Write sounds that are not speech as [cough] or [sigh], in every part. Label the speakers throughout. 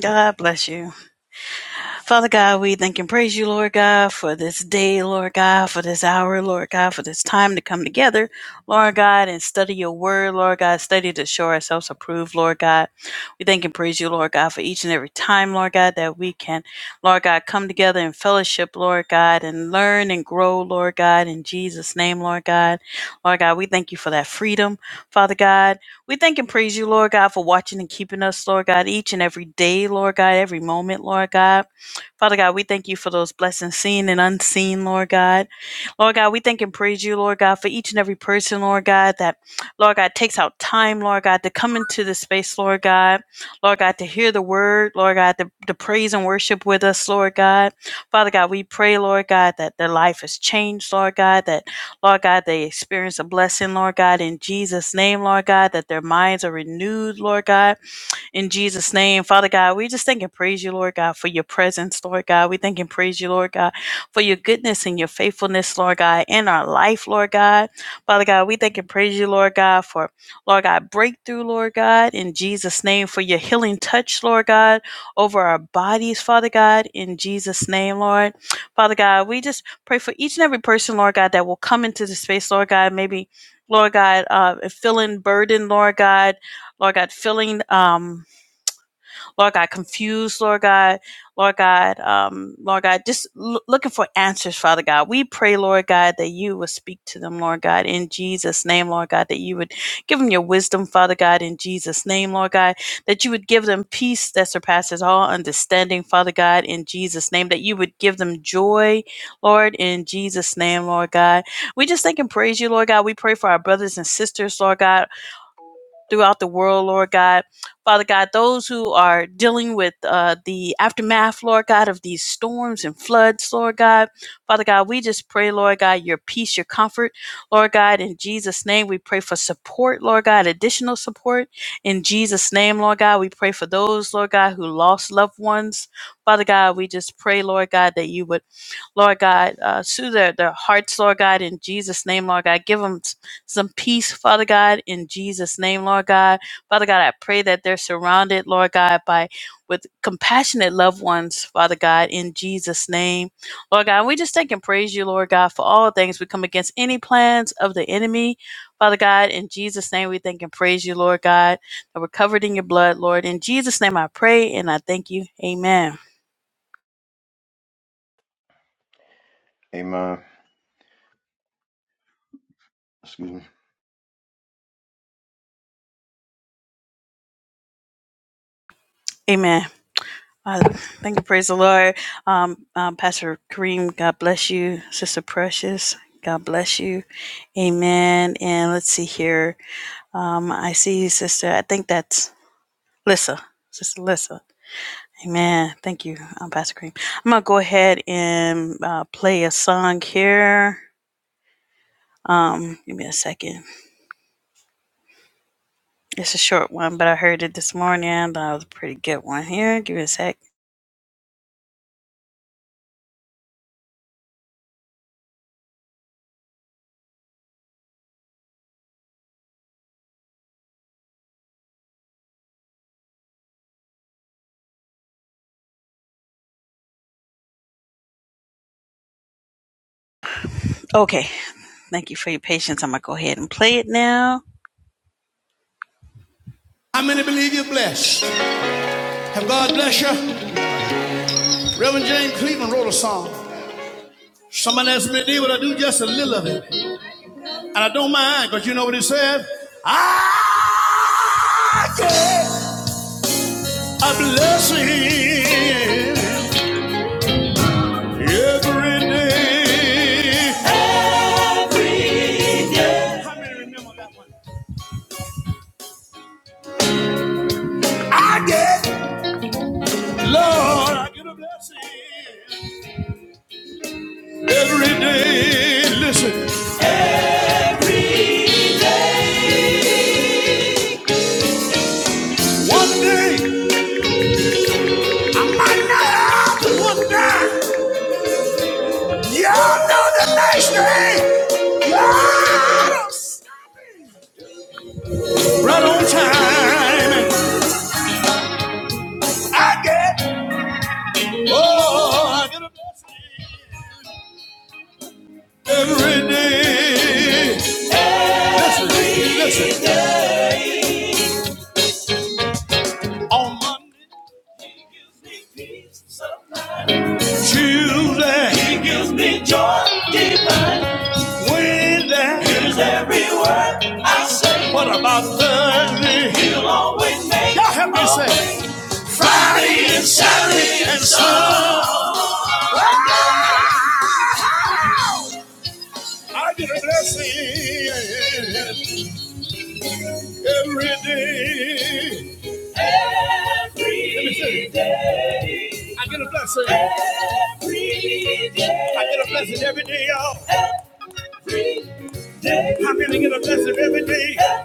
Speaker 1: God bless you. Father God, we thank and praise you, Lord God, for this day, Lord God, for this hour, Lord God, for this time to come together, Lord God, and study your word, Lord God, study to show ourselves approved, Lord God. We thank and praise you, Lord God, for each and every time, Lord God, that we can, Lord God, come together in fellowship, Lord God, and learn and grow, Lord God, in Jesus' name, Lord God. Lord God, we thank you for that freedom, Father God. We thank and praise you, Lord God, for watching and keeping us, Lord God, each and every day, Lord God, every moment, Lord God. Father God, we thank you for those blessings seen and unseen, Lord God. Lord God, we thank and praise you, Lord God, for each and every person, Lord God, that, Lord God, takes out time, Lord God, to come into the space, Lord God. Lord God, to hear the word, Lord God, to, to praise and worship with us, Lord God. Father God, we pray, Lord God, that their life is changed, Lord God, that, Lord God, they experience a blessing, Lord God, in Jesus' name, Lord God, that their minds are renewed, Lord God. In Jesus' name, Father God, we just thank and praise you, Lord God, for your presence, Lord God. We thank and praise you, Lord God, for your goodness and your faithfulness, Lord God, in our life, Lord God. Father God, we thank and praise you, Lord God, for, Lord God, breakthrough, Lord God, in Jesus' name, for your healing touch, Lord God, over our bodies, Father God, in Jesus' name, Lord. Father God, we just pray for each and every person, Lord God, that will come into the space, Lord God, maybe. Lord God, uh, feeling burdened, Lord God, Lord God, feeling um, Lord God, confused, Lord God, Lord God, um, Lord God, just l- looking for answers, Father God. We pray, Lord God, that you would speak to them, Lord God, in Jesus' name, Lord God, that you would give them your wisdom, Father God, in Jesus' name, Lord God, that you would give them peace that surpasses all understanding, Father God, in Jesus' name, that you would give them joy, Lord, in Jesus' name, Lord God. We just thank and praise you, Lord God. We pray for our brothers and sisters, Lord God throughout the world, Lord God. Father God, those who are dealing with uh, the aftermath, Lord God, of these storms and floods, Lord God. Father God, we just pray, Lord God, your peace, your comfort, Lord God. In Jesus' name, we pray for support, Lord God, additional support. In Jesus' name, Lord God, we pray for those, Lord God, who lost loved ones. Father God, we just pray, Lord God, that you would Lord God, uh, soothe their, their hearts, Lord God, in Jesus' name, Lord God. Give them some peace, Father God, in Jesus' name, Lord God. Father God, I pray that they're surrounded, Lord God, by with compassionate loved ones, Father God, in Jesus' name. Lord God, we just thank and praise you, Lord God, for all things. We come against any plans of the enemy, Father God, in Jesus' name, we thank and praise you, Lord God, that we're covered in your blood, Lord. In Jesus' name, I pray and I thank you. Amen.
Speaker 2: Amen. Excuse me.
Speaker 1: Amen. Uh, thank you, praise the Lord. Um, um, Pastor Kareem, God bless you. Sister Precious, God bless you. Amen. And let's see here. Um, I see you, Sister. I think that's Lissa. Sister Lissa. Amen. Thank you, um, Pastor Kareem. I'm going to go ahead and uh, play a song here. Um, give me a second. It's a short one, but I heard it this morning. That was a pretty good one here. Give me a sec. Okay. Thank you for your patience. I'm going to go ahead and play it now. How many believe you're blessed? Have God bless you? Reverend James Cleveland wrote a song. Somebody asked me to do what I do, just a little of it. And I don't mind, because you know what he said? I get a blessing every day. Every day. How many remember that one? I get, Lord, I get a blessing every day. Listen, one day, after one day. Y'all know the nation Right on time. Oh, I get a blessing every day. Listen, listen. On Monday, he gives me peace of mind. Tuesday, he gives me joy divine. Wednesday, hears every word I say. What about Thursday? He'll always make. Y'all help me say. Friday and Saturday and Sunday. I get a blessing every day. Every day, I get a blessing. Every day, I get a blessing every day, y'all. Every day, How many get a blessing every day? Every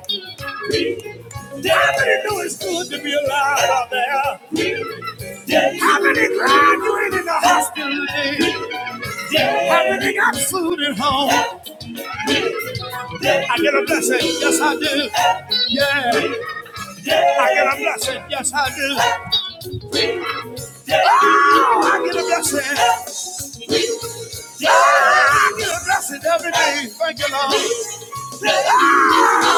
Speaker 1: day. How many know it's good to be alive out there? How many glad you ain't in the hospital today? How many got food at home? I get a blessing, yes I do. Yeah, I get a blessing, yes I do. I get a blessing. I get a blessing every day. Thank you, Lord. Yeah.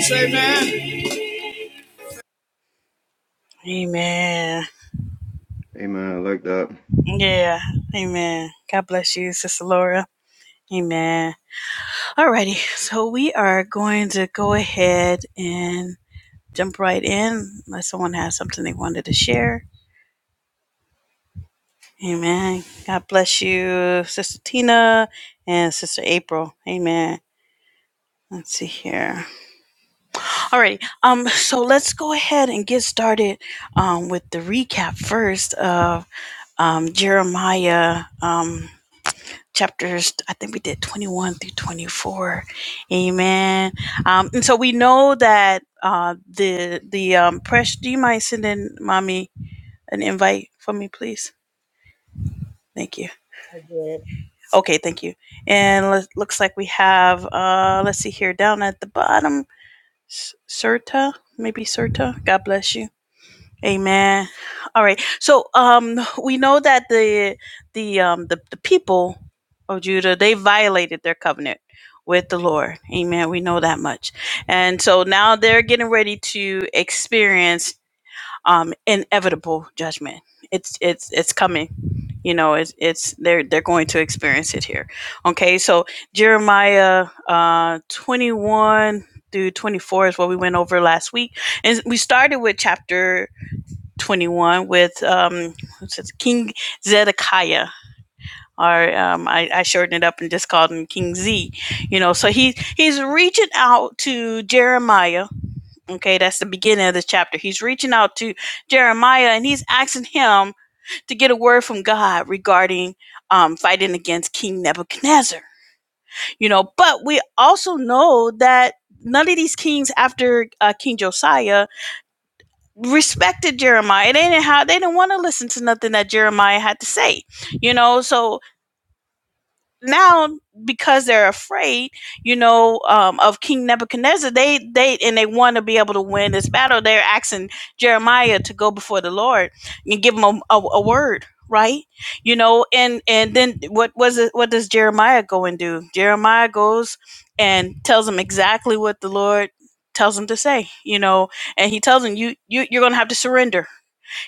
Speaker 1: Say Amen. Amen.
Speaker 2: Amen. I like that.
Speaker 1: Yeah. Amen. God bless you, Sister Laura. Amen. Alrighty. So we are going to go ahead and jump right in unless someone has something they wanted to share. Amen. God bless you, Sister Tina and Sister April. Amen. Let's see here. All right. Um, so let's go ahead and get started um, with the recap first of um, Jeremiah um, chapters, I think we did 21 through 24. Amen. Um, and so we know that uh, the, the um, press, do you mind sending mommy an invite for me, please? Thank you.
Speaker 3: I did.
Speaker 1: Okay, thank you. And let, looks like we have, uh, let's see here, down at the bottom, Serta, maybe Serta. God bless you. Amen. All right. So um, we know that the the um, the, the people of Judah they violated their covenant with the Lord. Amen. We know that much. And so now they're getting ready to experience um, inevitable judgment. It's it's it's coming you know it's it's they're they're going to experience it here okay so jeremiah uh 21 through 24 is what we went over last week and we started with chapter 21 with um what's it, king zedekiah or um, I, I shortened it up and just called him King Z, you know. So he he's reaching out to Jeremiah. Okay, that's the beginning of the chapter. He's reaching out to Jeremiah and he's asking him to get a word from God regarding um, fighting against King Nebuchadnezzar. You know, but we also know that none of these kings after uh, King Josiah respected Jeremiah. They didn't have, they didn't want to listen to nothing that Jeremiah had to say. You know, so now because they're afraid you know um, of king nebuchadnezzar they they and they want to be able to win this battle they're asking jeremiah to go before the lord and give him a, a, a word right you know and and then what was it what does jeremiah go and do jeremiah goes and tells him exactly what the lord tells him to say you know and he tells him you, you you're gonna have to surrender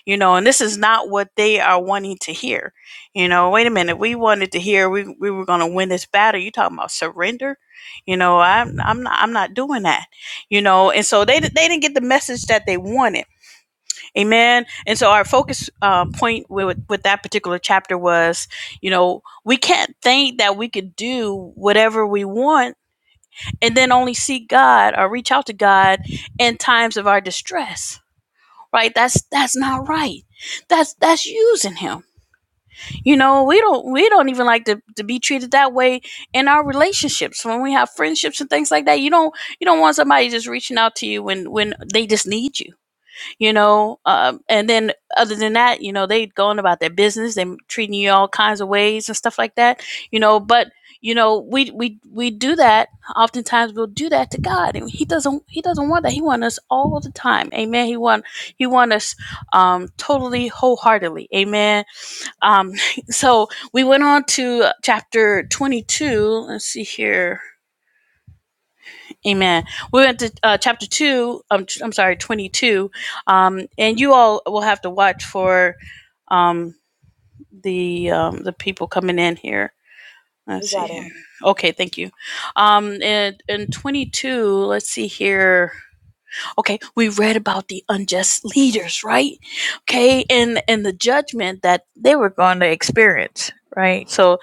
Speaker 1: you know and this is not what they are wanting to hear you know wait a minute we wanted to hear we, we were going to win this battle you talking about surrender you know i'm i'm not i'm not doing that you know and so they they didn't get the message that they wanted amen and so our focus uh, point with with that particular chapter was you know we can't think that we could do whatever we want and then only seek god or reach out to god in times of our distress right that's that's not right that's that's using him you know we don't we don't even like to, to be treated that way in our relationships when we have friendships and things like that you don't you don't want somebody just reaching out to you when when they just need you you know um, and then other than that you know they going about their business they treating you all kinds of ways and stuff like that you know but you know we we we do that oftentimes we'll do that to god and he doesn't he doesn't want that he wants us all the time amen he want he want us um totally wholeheartedly amen um [laughs] so we went on to chapter 22 let's see here Amen. We went to uh, chapter two. Um, t- I'm sorry, 22. Um, and you all will have to watch for um, the um, the people coming in here. Let's
Speaker 3: You
Speaker 1: see
Speaker 3: got it.
Speaker 1: here. Okay, thank you. Um, and in 22, let's see here. Okay, we read about the unjust leaders, right? Okay, and and the judgment that they were going to experience, right? So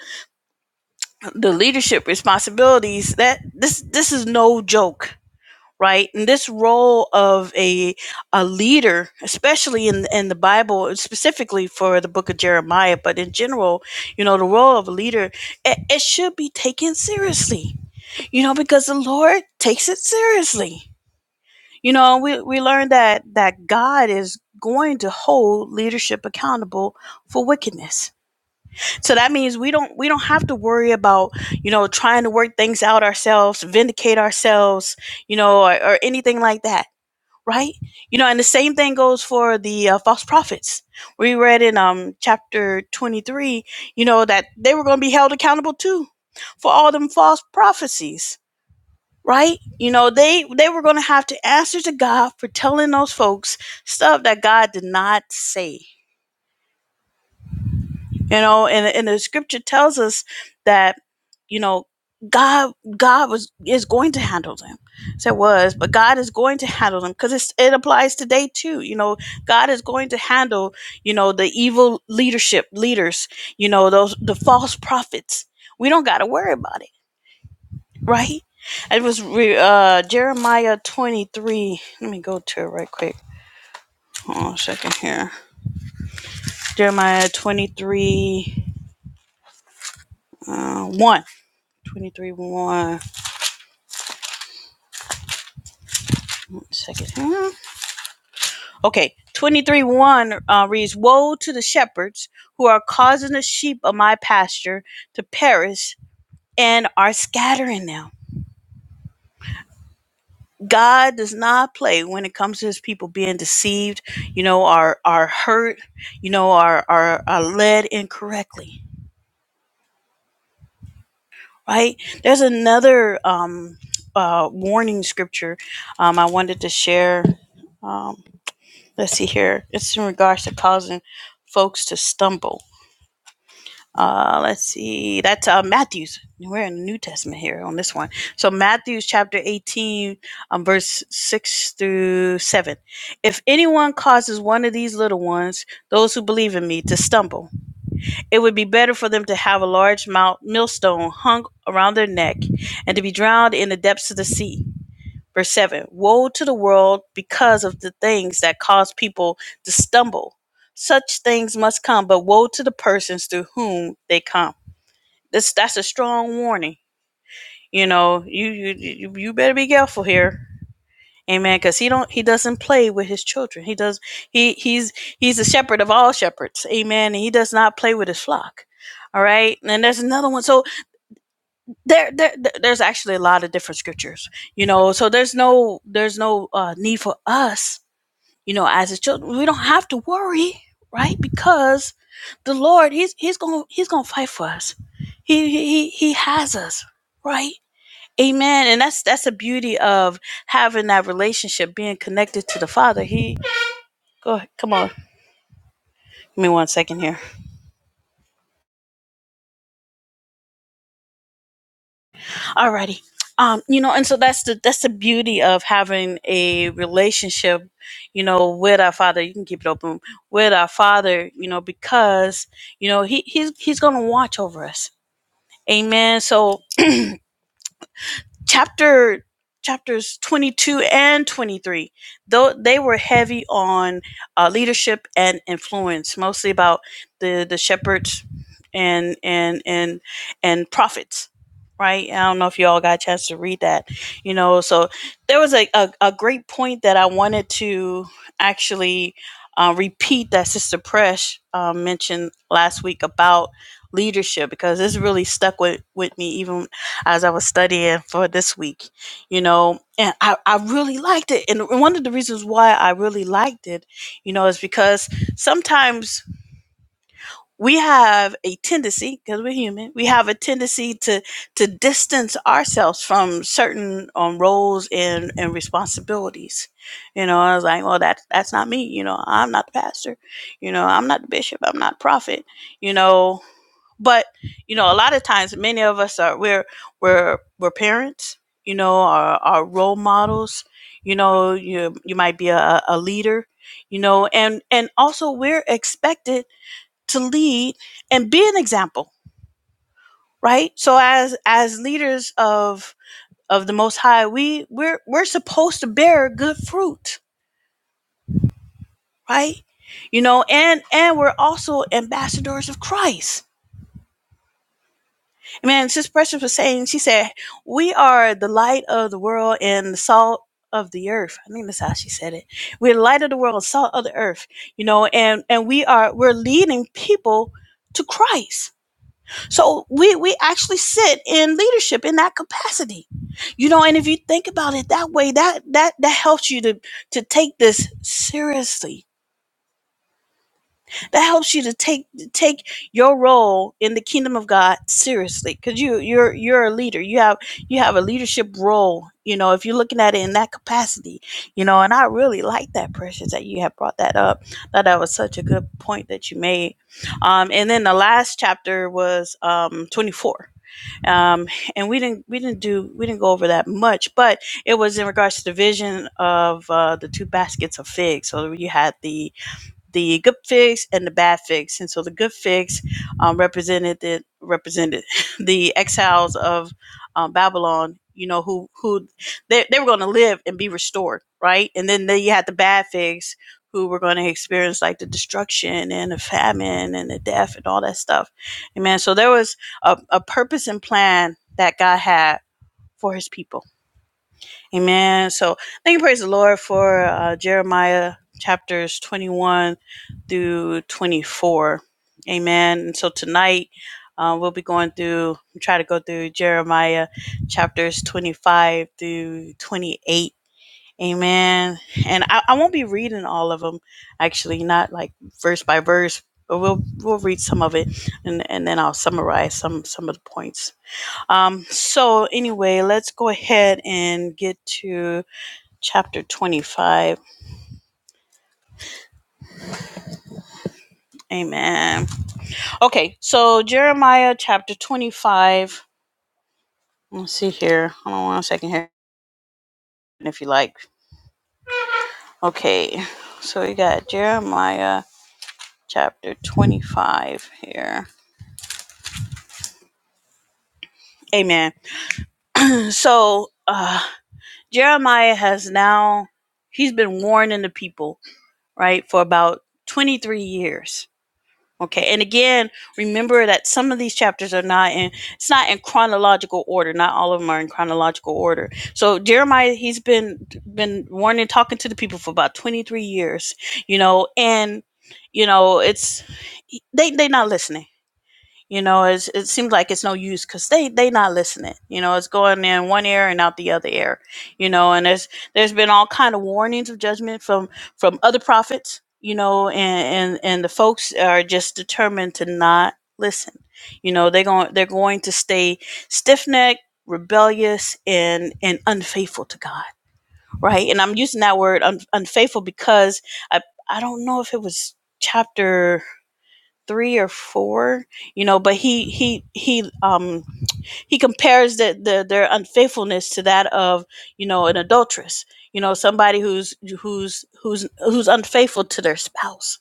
Speaker 1: the leadership responsibilities that this this is no joke right? And this role of a a leader, especially in in the Bible, specifically for the book of Jeremiah, but in general, you know, the role of a leader, it, it should be taken seriously, you know, because the Lord takes it seriously. You know, we we learned that that God is going to hold leadership accountable for wickedness. So that means we don't we don't have to worry about, you know, trying to work things out ourselves, vindicate ourselves, you know, or, or anything like that right? You know, and the same thing goes for the uh, false prophets. We read in um chapter 23, you know, that they were going to be held accountable too for all them false prophecies, right? You know, they they were going to have to answer to God for telling those folks stuff that God did not say you know and, and the scripture tells us that you know god god was is going to handle them so it was but god is going to handle them because it applies today too you know god is going to handle you know the evil leadership leaders you know those the false prophets we don't got to worry about it right it was re- uh jeremiah 23 let me go to it right quick hold on a second here jeremiah 23 uh 1 23 1 second here. Okay, 23 1 uh, reads Woe to the shepherds who are causing the sheep of my pasture to perish and are scattering them. God does not play when it comes to his people being deceived, you know, are are hurt, you know, are are, are led incorrectly, right? There's another um, uh, warning scripture um, I wanted to share. Um, let's see here. It's in regards to causing folks to stumble Uh, let's see. That's uh, Matthew's. We're in the New Testament here on this one. So Matthew's chapter 18, um, verse 6 through 7. If anyone causes one of these little ones, those who believe in me, to stumble, it would be better for them to have a large mount, millstone hung around their neck and to be drowned in the depths of the sea. Verse 7. Woe to the world because of the things that cause people to stumble. Such things must come, but woe to the persons through whom they come. This that's a strong warning. You know, you you you better be careful here. Amen. Because he don't he doesn't play with his children. He does he he's he's a shepherd of all shepherds. Amen. And he does not play with his flock. All right. And there's another one. So there, there there's actually a lot of different scriptures. You know, so there's no there's no uh, need for us, you know, as his children. We don't have to worry, right? Because the Lord, he's he's going to he's going to fight for us. he he he has us, right? Amen. And that's that's the beauty of having that relationship, being connected to the Father. He go ahead, come on. Give me one second here. Alrighty. Um, you know, and so that's the that's the beauty of having a relationship, you know, with our Father. You can keep it open with our Father, you know, because you know he he's he's gonna watch over us. Amen. So chapter chapters 22 and 23 though they were heavy on uh, leadership and influence mostly about the the shepherds and and and and prophets right i don't know if y'all got a chance to read that you know so there was a, a, a great point that i wanted to actually uh, repeat that sister presh uh, mentioned last week about leadership because this really stuck with, with me even as I was studying for this week, you know, and I, I really liked it. And one of the reasons why I really liked it, you know, is because sometimes we have a tendency because we're human we have a tendency to to distance ourselves from certain um, roles and and responsibilities you know i was like well that's that's not me you know i'm not the pastor you know i'm not the bishop i'm not prophet you know but you know a lot of times many of us are we're we're we're parents you know are are role models you know you you might be a, a leader you know and and also we're expected to lead and be an example, right? So as as leaders of of the most high, we we're we're supposed to bear good fruit, right? You know, and and we're also ambassadors of Christ. Man, Sis Precious was saying, she said, We are the light of the world and the salt of the earth. I think that's how she said it. We're the light of the world, salt of the earth, you know, and and we are we're leading people to Christ So we we actually sit in leadership in that capacity. You know, and if you think about it that way, that that that helps you to to take this seriously. That helps you to take to take your role in the kingdom of God seriously cuz you you're you're a leader. You have you have a leadership role, you know, if you're looking at it in that capacity. You know, and I really like that precious that you have brought that up. That that was such a good point that you made. Um and then the last chapter was um 24 um, and we didn't we didn't do we didn't go over that much, but it was in regards to the vision of uh, the two baskets of figs. So you had the the good fix and the bad fix. And so the good fix um, represented the, represented [laughs] the exiles of um, Babylon. You know who who they they were going to live and be restored, right? And then they, you had the bad fix who were going to experience like the destruction and the famine and the death and all that stuff. Amen. So there was a, a purpose and plan that God had for His people Amen. So thank you, praise the Lord, for uh, Jeremiah chapters 21 through 24. Amen. And so tonight uh, we'll be going through, try to go through Jeremiah chapters 25 through 28. Amen. And I, I won't be reading all of them, actually, not like verse by verse, but we'll we'll read some of it, and and then I'll summarize some some of the points. Um, so anyway, let's go ahead and get to chapter 25. Amen. Okay, so Jeremiah chapter 25. Let's see here. Hold on one second here, if you like. Okay, so we got Jeremiah chapter 25 here. Amen. So uh, Jeremiah has now, he's been warning the people, right, for about 23 years Okay, and again, remember that some of these chapters are not in it's not in chronological order. Not all of them are in chronological order. So Jeremiah, he's been been warning, talking to the people for about twenty three years, you know, and you know it's they they're not listening you know it's, it seems like it's no use because they they not listening you know it's going in one ear and out the other ear you know and there's there's been all kind of warnings of judgment from from other prophets you know and and and the folks are just determined to not listen you know they're going they're going to stay stiff-necked rebellious and and unfaithful to god right and i'm using that word un, unfaithful because i i don't know if it was chapter three or four, you know, but he he he um he compares the, the their unfaithfulness to that of you know an adulteress you know somebody who's who's who's who's unfaithful to their spouse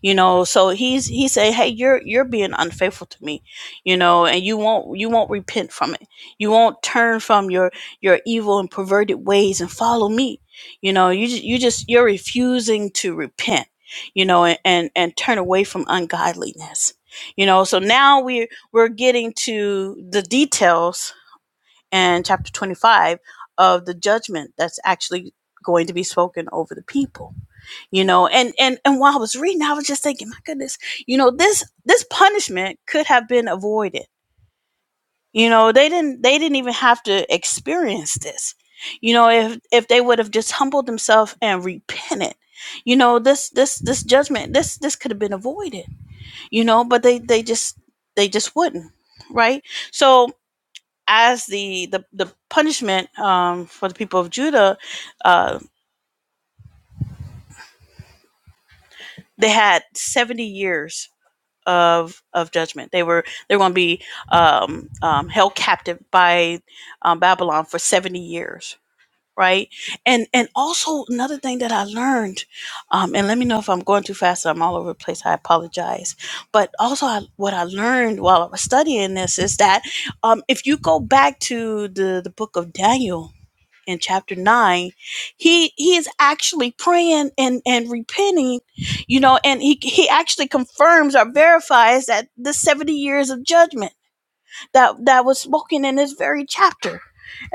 Speaker 1: you know so he's he say hey you're you're being unfaithful to me you know and you won't you won't repent from it you won't turn from your your evil and perverted ways and follow me you know you just you just you're refusing to repent you know and and, and turn away from ungodliness you know so now we we're getting to the details in chapter 25 of the judgment that's actually going to be spoken over the people you know and and and while i was reading i was just thinking my goodness you know this this punishment could have been avoided you know they didn't they didn't even have to experience this you know if if they would have just humbled themselves and repented you know this this this judgment this this could have been avoided you know but they they just they just wouldn't right so as the the, the punishment um, for the people of Judah, uh, they had seventy years of of judgment. They were they are going to be um, um, held captive by um, Babylon for seventy years, right? And and also another thing that I learned, um, and let me know if I'm going too fast. I'm all over the place. I apologize. But also, I, what I learned while I was studying this is that um, if you go back to the the book of Daniel in chapter 9 he he is actually praying and and repenting you know and he he actually confirms or verifies that the 70 years of judgment that that was spoken in this very chapter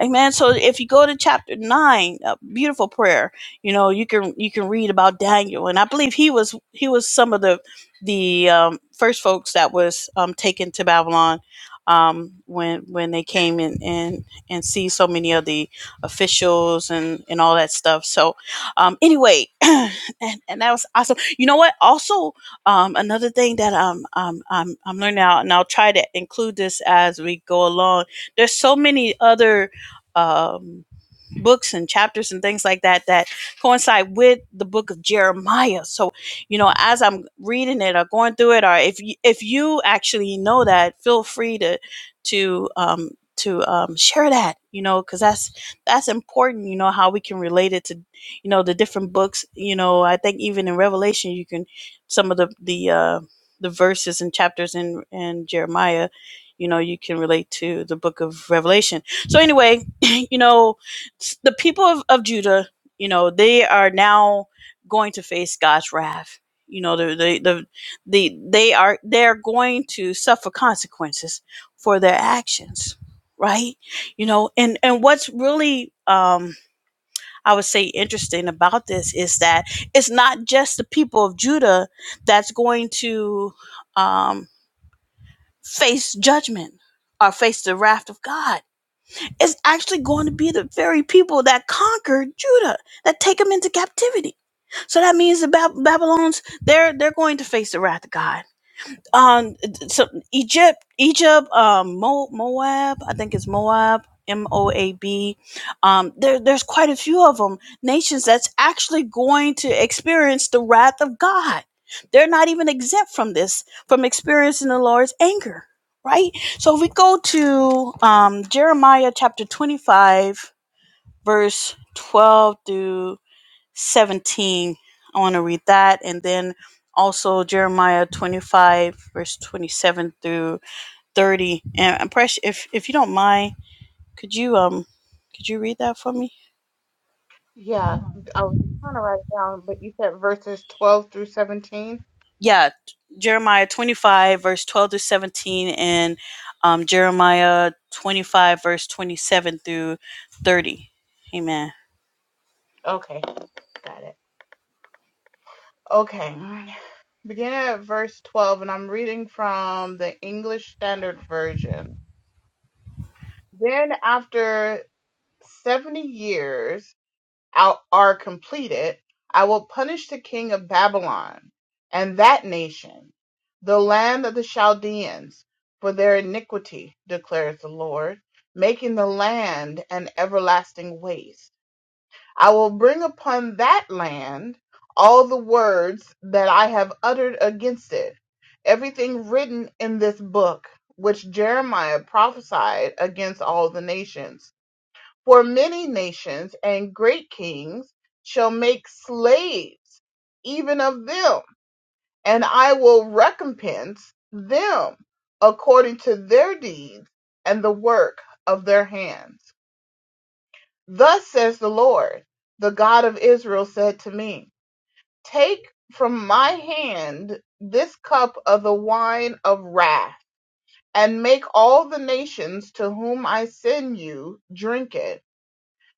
Speaker 1: amen so if you go to chapter 9 a beautiful prayer you know you can you can read about daniel and i believe he was he was some of the the um, first folks that was um, taken to babylon um, when when they came in and and see so many of the officials and and all that stuff so um anyway [clears throat] and, and that was awesome you know what also um, another thing that I'm, I'm, I'm, I'm learning out, and I'll try to include this as we go along. There's so many other, um, books and chapters and things like that that coincide with the book of Jeremiah. So, you know, as I'm reading it or going through it, or if you, if you actually know that, feel free to to um, to um, share that. You know, because that's that's important. You know how we can relate it to you know the different books. You know, I think even in Revelation, you can some of the the uh, the verses and chapters in in Jeremiah. You know, you can relate to the book of Revelation. So anyway, [clears throat] you know, the people of, of Judah, you know, they are now going to face God's wrath. You know, the the the, the they are they are going to suffer consequences for their actions, right? You know, and and what's really um I would say interesting about this is that it's not just the people of Judah that's going to um face judgment or face the wrath of God it's actually going to be the very people that conquered Judah, that take them into captivity. So that means the Bab- Babylons, they're they're going to face the wrath of God um so egypt egypt um Mo, moab i think it's moab m-o-a-b um there, there's quite a few of them nations that's actually going to experience the wrath of god they're not even exempt from this from experiencing the lord's anger right so if we go to um jeremiah chapter 25 verse 12 through. 17. I want to read that. And then also Jeremiah 25, verse 27 through 30. And I'm press if, if you don't mind, could you um could you read that for me?
Speaker 3: Yeah, I was trying to write it down, but you said verses 12 through 17?
Speaker 1: Yeah, Jeremiah 25, verse 12 through 17, and um, Jeremiah 25, verse 27 through 30. Amen.
Speaker 3: Okay, got it. Okay, beginning at verse 12, and I'm reading from the English Standard Version. Then, after 70 years, out are completed, I will punish the king of Babylon and that nation, the land of the Chaldeans, for their iniquity, declares the Lord, making the land an everlasting waste. I will bring upon that land all the words that I have uttered against it, everything written in this book, which Jeremiah prophesied against all the nations for many nations and great kings shall make slaves even of them, and I will recompense them according to their deeds and the work of their hands. Thus says the Lord, the God of Israel said to me, Take from my hand this cup of the wine of wrath, and make all the nations to whom I send you drink it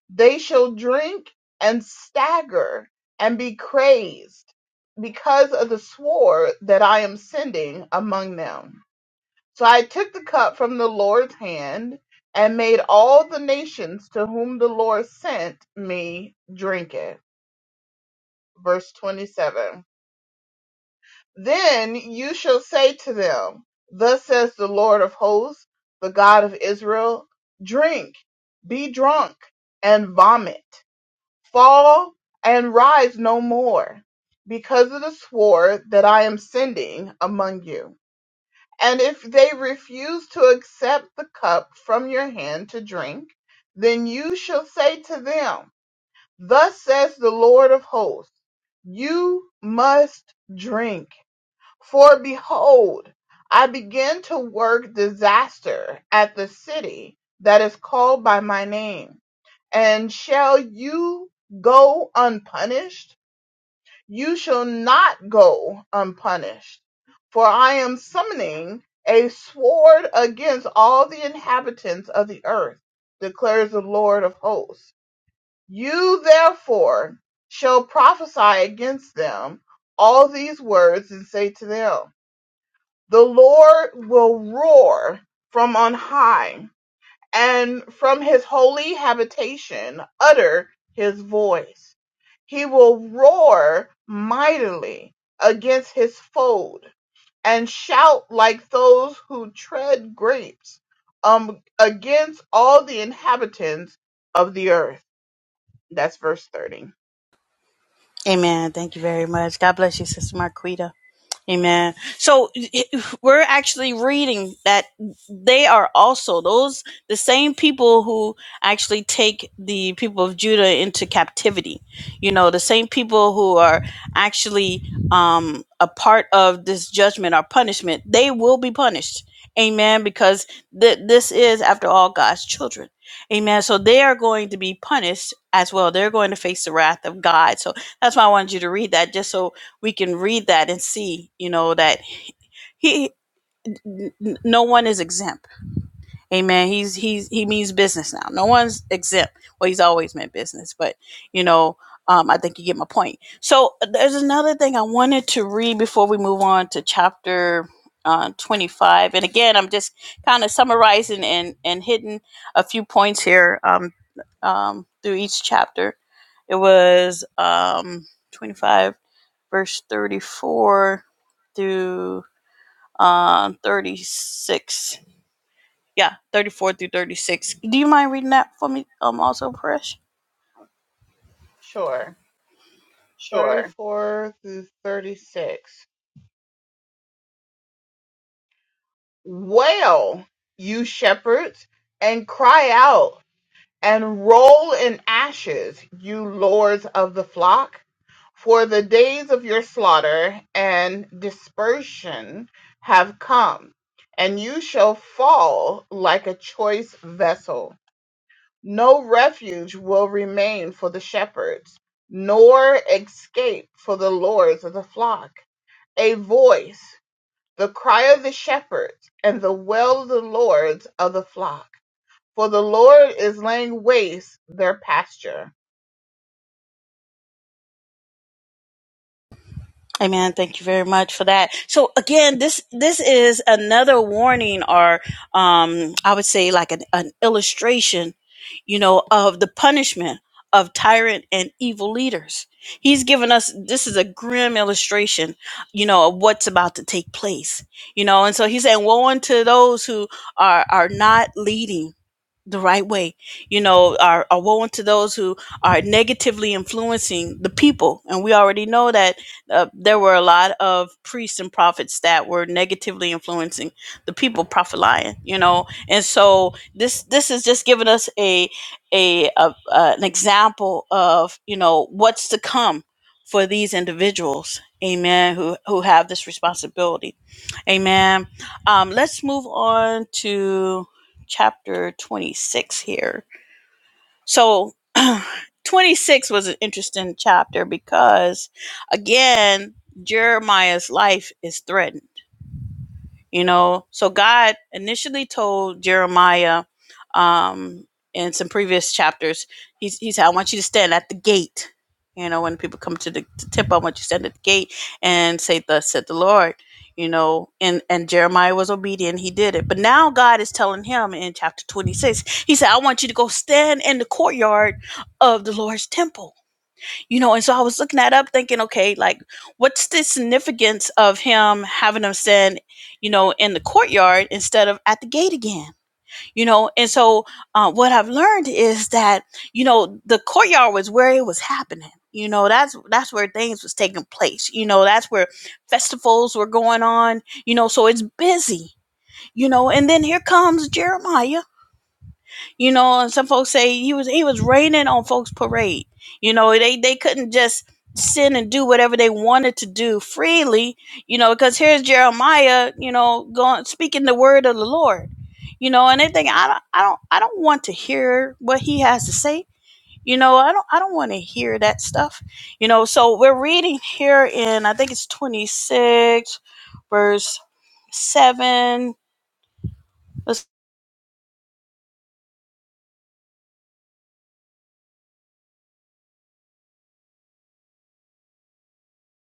Speaker 3: They shall drink and stagger and be crazed because of the sword that I am sending among them. So I took the cup from the Lord's hand and made all the nations to whom the Lord sent me drink it. Verse 27. Then you shall say to them, Thus says the Lord of hosts, the God of Israel, drink, be drunk, and vomit. fall and rise no more because of the sword that I am sending among you. And if they refuse to accept the cup from your hand to drink, then you shall say to them, Thus says the Lord of hosts, you must drink. For behold, I begin to work disaster at the city that is called by my name. And shall you go unpunished? you shall not go unpunished. For I am summoning a sword against all the inhabitants of the earth, declares the Lord of hosts. You therefore shall prophesy against them all these words and say to them, The Lord will roar from on high and from his holy habitation utter his voice. He will roar mightily against his foe and shout like those who tread grapes um, against all the inhabitants of the earth. That's verse 30.
Speaker 1: Amen. Thank you very much. God bless you, Sister Marquita. Amen. So it- we're actually reading that they are also those the same people who actually take the people of Judah into captivity. You know, the same people who are actually um, a part of this judgment or punishment. They will be punished. Amen. Because th- this is, after all, God's children. Amen. So they are going to be punished as well. They're going to face the wrath of God. So that's why I wanted you to read that, just so we can read that and see, you know, that he n- no one is exempt. Amen. He's he's he means business now. No one's exempt. Well, he's always meant business, but you know, um, I think you get my point. So uh, there's another thing I wanted to read before we move on to chapter uh, 25. And again, I'm just kind of summarizing and and hitting a few points here um, um, through each chapter. It was um, 25 verse 34 through uh, 36. Yeah, 34 through 36. Do you mind reading that for me, um, also, Paresh?
Speaker 3: Sure.
Speaker 1: Sure.
Speaker 3: 34 through 36. Wail, you shepherds, and cry out and roll in ashes, you lords of the flock, for the days of your slaughter and dispersion have come, and you shall fall like a choice vessel. No refuge will remain for the shepherds, nor escape for the lords of the flock. A voice, the cry of the shepherds, and the wail of the lords of the flock for the Lord is laying waste their pasture.
Speaker 1: Amen. Thank you very much for that. So again, this this is another warning, or um, I would say like an, an illustration, you know, of the punishment of tyrant and evil leaders. He's given us this is a grim illustration, you know, of what's about to take place, you know, and so he's saying, "Woe unto those who are are not leading." the right way. You know, are, are woe unto those who are negatively influencing the people. And we already know that uh, there were a lot of priests and prophets that were negatively influencing the people, Prophet Lion, you know. And so this this is just giving us a, a, a uh, an example of, you know, what's to come for these individuals. Amen. Who, who have this responsibility. Amen. Um, let's move on to chapter 26 here. So [clears throat] 26 was an interesting chapter because again, Jeremiah's life is threatened you know so god initially told jeremiah um in some previous chapters he's, he said i want you to stand at the gate you know when people come to the to temple i want you to stand at the gate and say thus said the lord you know and and jeremiah was obedient he did it but now god is telling him in chapter 26 he said i want you to go stand in the courtyard of the lord's temple you know and so i was looking that up thinking okay like what's the significance of him having them stand you know in the courtyard instead of at the gate again you know and so uh, what i've learned is that you know the courtyard was where it was happening you know that's that's where things was taking place you know that's where festivals were going on you know so it's busy you know and then here comes jeremiah you know, and some folks say he was he was raining on folks' parade. You know, they they couldn't just sin and do whatever they wanted to do freely. You know, because here's Jeremiah. You know, going speaking the word of the Lord. You know, and they think I don't I don't I don't want to hear what he has to say. You know, I don't I don't want to hear that stuff. You know, so we're reading here in I think it's twenty six, verse seven. Let's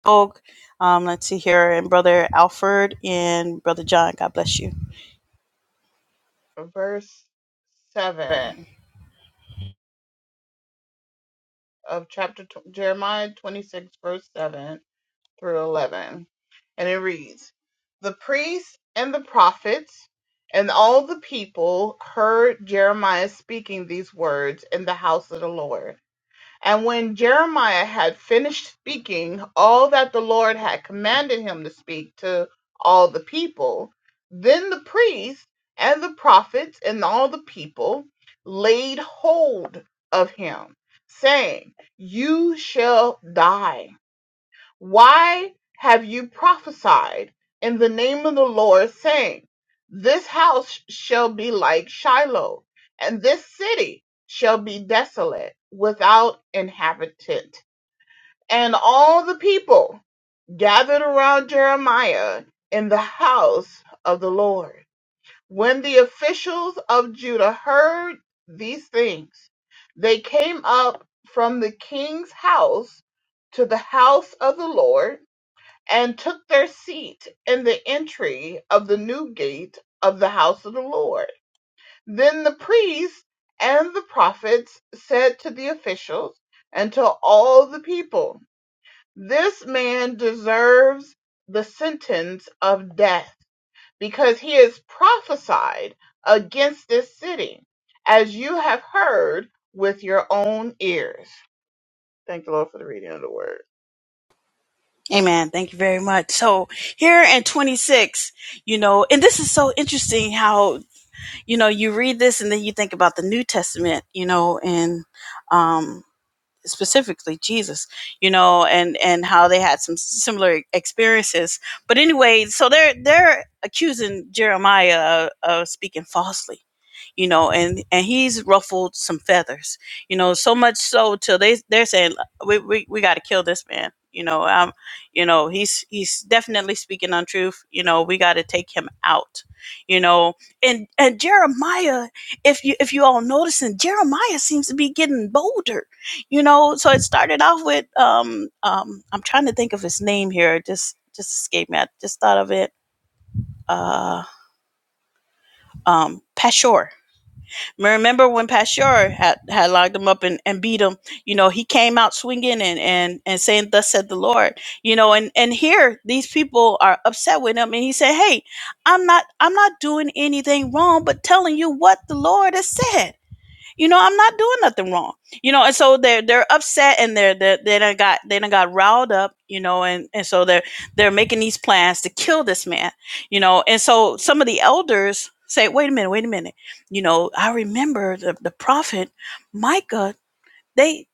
Speaker 1: Oak. Um, let's see here, and Brother Alfred and Brother John. God bless you.
Speaker 3: Verse 7
Speaker 1: Amen.
Speaker 3: of chapter tw- Jeremiah 26, verse 7 through 11. And it reads The priests and the prophets and all the people heard Jeremiah speaking these words in the house of the Lord. And when Jeremiah had finished speaking all that the Lord had commanded him to speak to all the people, then the priests and the prophets and all the people laid hold of him, saying, You shall die why have you prophesied in the name of the Lord, saying, This house shall be like Shiloh, and this city shall be desolate without inhabitant? And all the people gathered around Jeremiah in the house of the Lord. When the officials of Judah heard these things, they came up from the king's house to the house of the Lord and took their seat in the entry of the new gate of the house of the Lord. Then the priests and the prophets said to the officials and to all the people, This man deserves the sentence of death because he has prophesied against this city, as you have heard with your own ears. Thank the Lord for the reading of the word.
Speaker 1: Amen. Thank you very much. So here in 26, you know, and this is so interesting how, you know, you read this and then you think about the New Testament, you know, and, um. specifically Jesus, you know, and and how they had some similar experiences. But anyway, so they're they're accusing Jeremiah of, of speaking falsely, you know, and and he's ruffled some feathers, you know, so much so till they they're saying we we, we got to kill this man, you know, um, you know he's he's definitely speaking untruth, you know, we got to take him out, you know, and and Jeremiah, if you if you all noticing, Jeremiah seems to be getting bolder you know so it started off with um um i'm trying to think of his name here just just escaped me i just thought of it uh um pashur remember when pashur had had locked him up and, and beat him you know he came out swinging and and and saying thus said the lord you know and and here these people are upset with him and he said hey i'm not i'm not doing anything wrong but telling you what the lord has said you know i'm not doing nothing wrong you know and so they're they're upset and they're they're they done got they done got riled up you know and and so they're they're making these plans to kill this man you know and so some of the elders say wait a minute wait a minute you know i remember the, the prophet micah they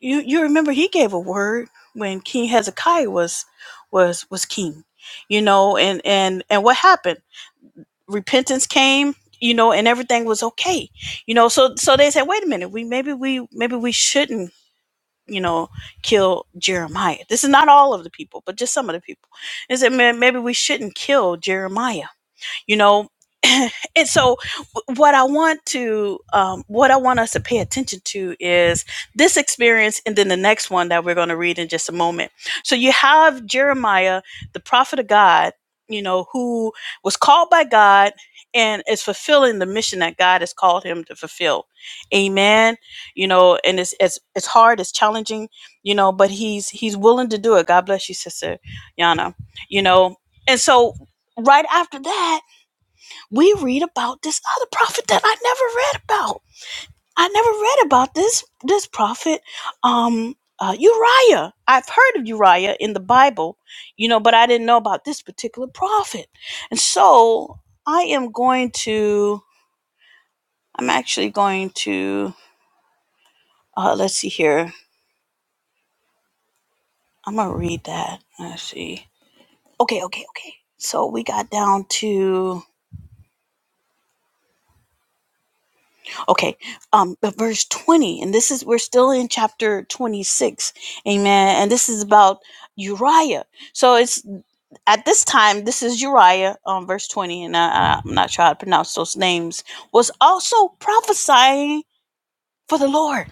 Speaker 1: you you remember he gave a word when king hezekiah was was was king you know and and and what happened repentance came you know and everything was okay you know so so they said wait a minute we maybe we maybe we shouldn't you know kill jeremiah this is not all of the people but just some of the people they said "Man, maybe we shouldn't kill jeremiah you know [clears throat] [laughs] and so what i want to um, what i want us to pay attention to is this experience and then the next one that we're going to read in just a moment so you have jeremiah the prophet of god you know who was called by god and is fulfilling the mission that god has called him to fulfill amen you know and it's it's, it's hard it's challenging you know but he's he's willing to do it god bless you sister yana you know and so right after that we read about this other prophet that I never read about. I never read about this this prophet, um, uh, Uriah. I've heard of Uriah in the Bible, you know, but I didn't know about this particular prophet. And so I am going to. I'm actually going to. Uh, let's see here. I'm gonna read that. Let's see. Okay, okay, okay. So we got down to okay um but verse 20 and this is we're still in chapter 26 amen and this is about uriah so it's at this time this is uriah um verse 20 and I, I- i'm not sure how to pronounce those names was also prophesying for the lord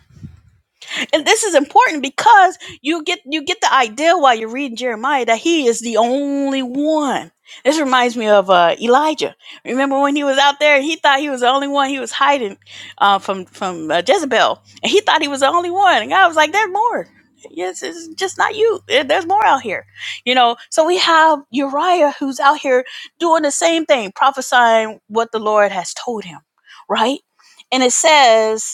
Speaker 1: and this is important because you get you get the idea while you're reading Jeremiah that he is the only one. This reminds me of uh, Elijah. Remember when he was out there and he thought he was the only one. He was hiding uh, from from uh, Jezebel, and he thought he was the only one. And God was like, "There's more. Yes, it's just not you. There's more out here." You know. So we have Uriah who's out here doing the same thing, prophesying what the Lord has told him, right? And it says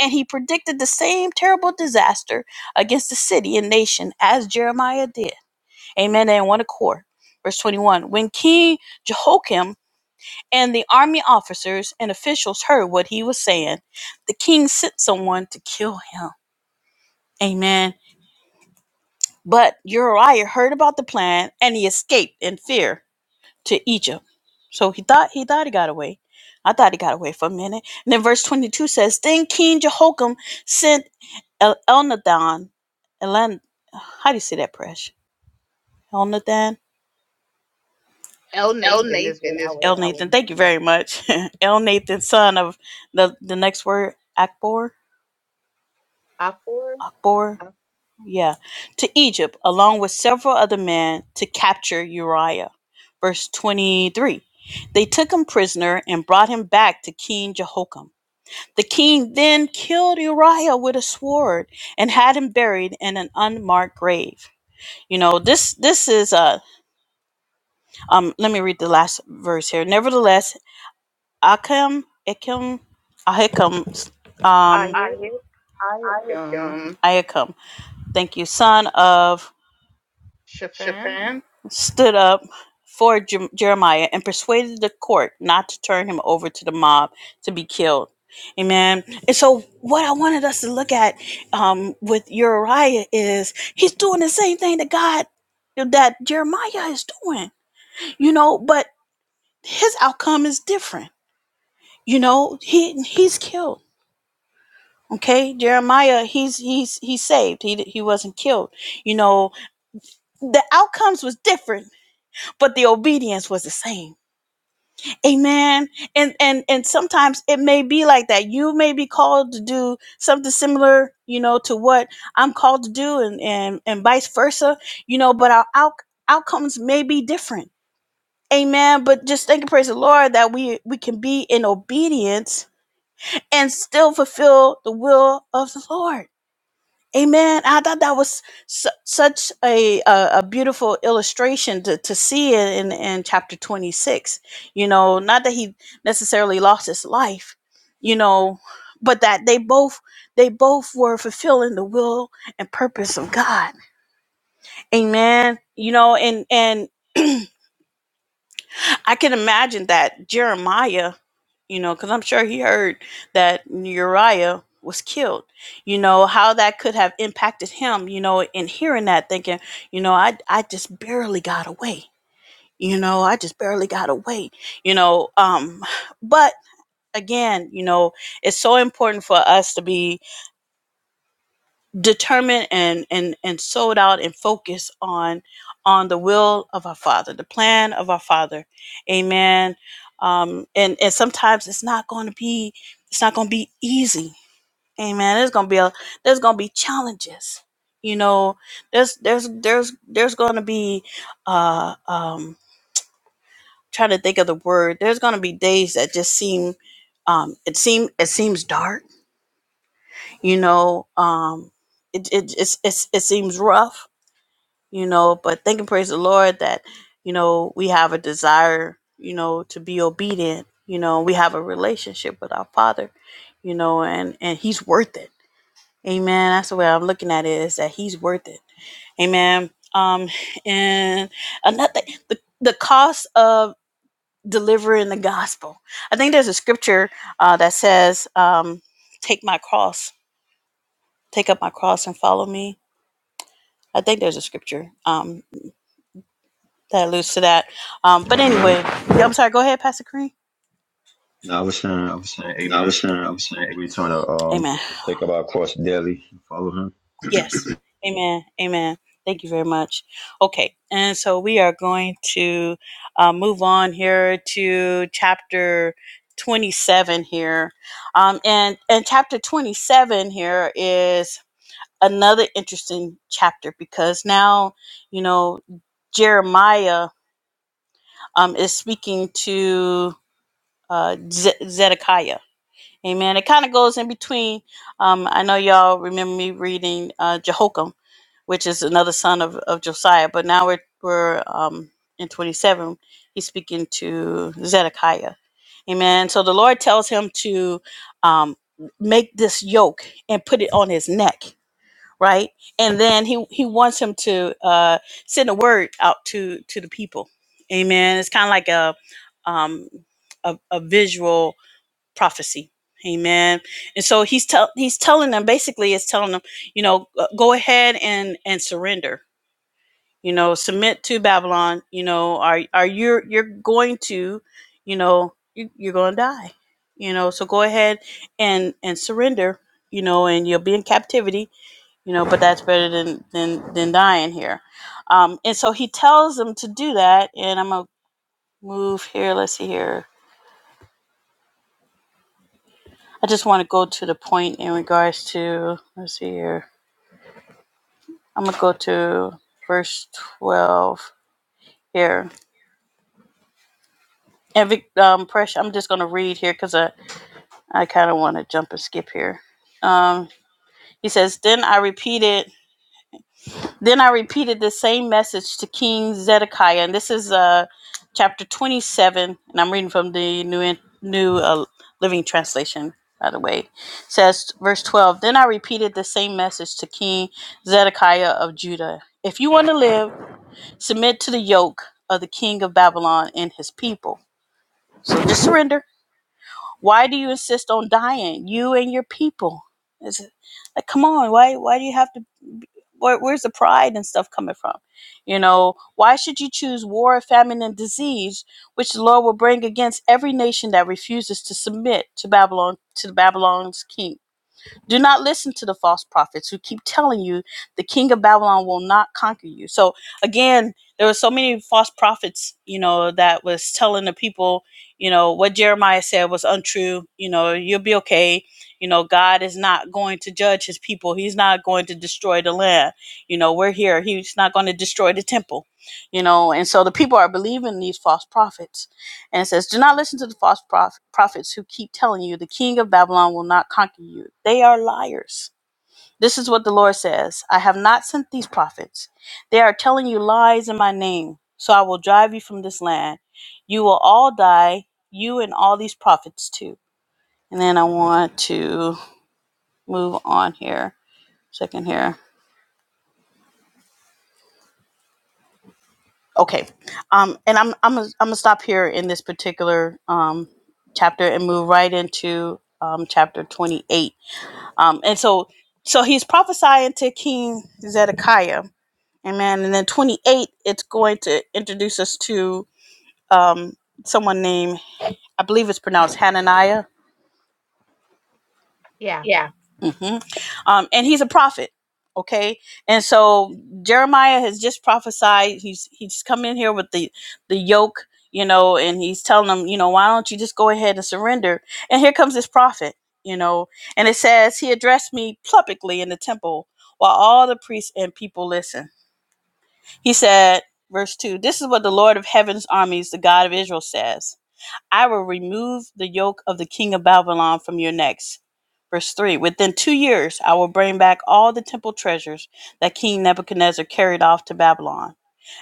Speaker 1: and he predicted the same terrible disaster against the city and nation as Jeremiah did. Amen. And one accord. Verse 21 When King Jehoiakim and the army officers and officials heard what he was saying, the king sent someone to kill him. Amen. But Uriah heard about the plan and he escaped in fear to Egypt. So he thought he thought he got away. I thought he got away for a minute. And then verse 22 says, Then King Jehoiakim sent El- Elnathan, Elan, how do you say that, Presh? Elnathan?
Speaker 3: El
Speaker 1: El
Speaker 3: Nathan is what
Speaker 1: Nathan
Speaker 3: I
Speaker 1: is
Speaker 3: was
Speaker 1: El Nathan,
Speaker 3: saying.
Speaker 1: thank you very much. [laughs] El Nathan, son of the, the next word, Akbor,
Speaker 3: I I for
Speaker 1: Akbor, yeah, to Egypt, along with several other men to capture Uriah. Verse 23. They took him prisoner and brought him back to King Jehoiakim. The king then killed Uriah with a sword and had him buried in an unmarked grave. You know, this this is a. um let me read the last verse here. Nevertheless, Akim Akim Ahikam
Speaker 3: I
Speaker 1: um
Speaker 3: hear.
Speaker 1: I
Speaker 3: I Ayakim
Speaker 1: Ahikam, thank you, son of
Speaker 3: Shafan.
Speaker 1: Shaphan, stood up for Jer- Jeremiah and persuaded the court not to turn him over to the mob to be killed. Amen. And so, what I wanted us to look at um, with Uriah is he's doing the same thing that God, that Jeremiah is doing, you know, but his outcome is different. You know, he he's killed. Okay, Jeremiah, he's he's he's saved. He he wasn't killed. You know, the outcomes was different, but the obedience was the same Amen. And and and sometimes it may be like that. You may be called to do something similar, you know, to what I'm called to do and and and vice versa, you know, but our out, outcomes may be different. Amen. But just thank and praise the Lord that we we can be in obedience and still fulfill the will of the Lord. Amen. I thought that was su- such a, a a beautiful illustration to, to see it in in chapter 26. You know, not that he necessarily lost his life, you know, but that they both they both were fulfilling the will and purpose of God. Amen. You know, and and [clears throat] I can imagine that Jeremiah, you know, because I'm sure he heard that Uriah was killed, you know, how that could have impacted him, you know, in hearing that, thinking, you know, I, I just barely got away. You know, I just barely got away, you know. Um, [sighs] but again, you know, it's so important for us to be determined and and and sold out and focused on on the will of our father the plan of our father amen um and and sometimes it's not going to be it's not going to be easy amen there's going to be a there's going to be challenges you know there's there's there's there's going to be uh um trying to think of the word there's going to be days that just seem um it seem it seems dark you know um it, it it's, it's it seems rough you know but thank and praise the lord that you know we have a desire you know to be obedient you know we have a relationship with our father you know and and he's worth it amen that's the way i'm looking at it is that he's worth it amen um and another the, the cost of delivering the gospel i think there's a scripture uh, that says um take my cross take up my cross and follow me i think there's a scripture Um. that alludes to that. Um, but anyway,
Speaker 2: Amen.
Speaker 1: yeah, I'm sorry. Go ahead, Pastor Kareem.
Speaker 2: No, I was saying, I was saying, Amen. We trying to um
Speaker 1: Amen.
Speaker 2: take up our cross daily and follow Him.
Speaker 1: Yes. Amen. Amen. Thank you very much. Okay, and so we are going to uh, move on here to chapter 27 here, um, and and chapter 27 here is another interesting chapter because now you know Jeremiah um, is speaking to uh, Ze- Zedekiah Amen. It kind of goes in between. Um, I know y'all remember me reading uh, Jehoiakim, which is another son of, of Josiah, but now we're, we're um, in 27. He's speaking to Zedekiah. Amen. So the Lord tells him to um, make this yoke and put it on his neck, right? And then he, he wants him to uh, send a word out to, to the people. Amen. It's kind of like a, um, a, a visual prophecy amen and so he's tell he's telling them basically it's telling them you know uh, go ahead and and surrender you know submit to babylon you know are are you you're going to you know you, you're going to die you know so go ahead and and surrender you know and you'll be in captivity you know but that's better than than than dying here um and so he tells them to do that and i'm gonna move here let's see here I just want to go to the point in regards to, let's see here. I'm going to go to verse 12 here. And Vic- um, Presh, I'm just going to read here because I, I kind of want to jump and skip here. Um, he says, Then I repeated. Then I repeated the same message to King Zedekiah, and this is uh, chapter 27, and I'm reading from the New In- New uh, Living Translation. By the way, It says verse 12. Then I repeated the same message to King Zedekiah of Judah. If you want to live, submit to the yoke of the king of Babylon and his people. So just surrender. Why do you insist on dying, you and your people? Is it like, come on? Why? Why do you have to? where, where's the pride and stuff coming from? You know, why should you choose war, famine, and disease, which the Lord will bring against every nation that refuses to submit to Babylon to the Babylon's king? Do not listen to the false prophets who keep telling you the king of Babylon will not conquer you. So again, there were so many false prophets, you know, that was telling the people, you know, what Jeremiah said was untrue. You know, you'll be okay. You know, God is not going to judge his people. He's not going to destroy the land. You know, we're here. He's not going to destroy the temple. You know, and so the people are believing these false prophets and it says, Do not listen to the false proph- prophets who keep telling you the king of Babylon will not conquer you. They are liars. This is what the Lord says I have not sent these prophets. They are telling you lies in my name. So I will drive you from this land. You will all die, you and all these prophets too. And then I want to move on here. Second here. Okay. Um, and I'm I'm I'm gonna stop here in this particular um chapter and move right into um chapter 28 Um, and so, so he's prophesying to King Zedekiah, amen. And then 28, it's going to introduce us to um, someone named, I believe it's pronounced Hananiah
Speaker 3: Yeah.
Speaker 1: Yeah. hmm Um, and he's a prophet. Okay, and so Jeremiah has just prophesied. He's he's come in here with the the yoke, you know, and he's telling them, you know, why don't you just go ahead and surrender? And here comes this prophet, you know, and it says he addressed me publicly in the temple while all the priests and people listen. He said, verse two, this is what the Lord of Heaven's armies, the God of Israel, says. I will remove the yoke of the king of Babylon from your necks. Verse 3 Within two years, I will bring back all the temple treasures that King Nebuchadnezzar carried off to Babylon.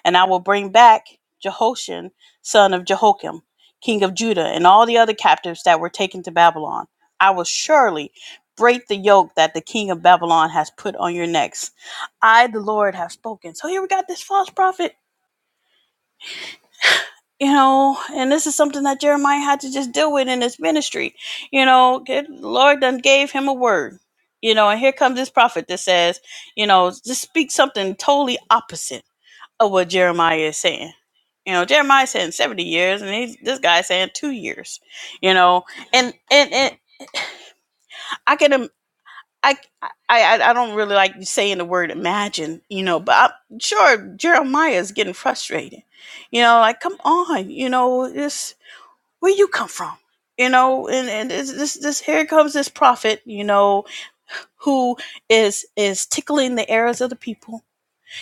Speaker 1: And I will bring back Jehoshaphat, son of Jehoiakim, king of Judah, and all the other captives that were taken to Babylon. I will surely break the yoke that the king of Babylon has put on your necks. I, the Lord, have spoken. So here we got this false prophet you know, and this is something that Jeremiah had to just deal with in his ministry. You know, good Lord done gave him a word. You know, and here comes this prophet that says, you know, just speak something totally opposite of what Jeremiah is saying. You know, Jeremiah saying seventy years, and he's, this guy saying two years. You know, and and and I can. im- I, I I I don't really like saying the word imagine, you know, but I'm sure Jeremiah is getting frustrated. You know, like come on, you know, this where you come from you know and, and this, this this here comes this prophet you know who is is tickling the ears of the people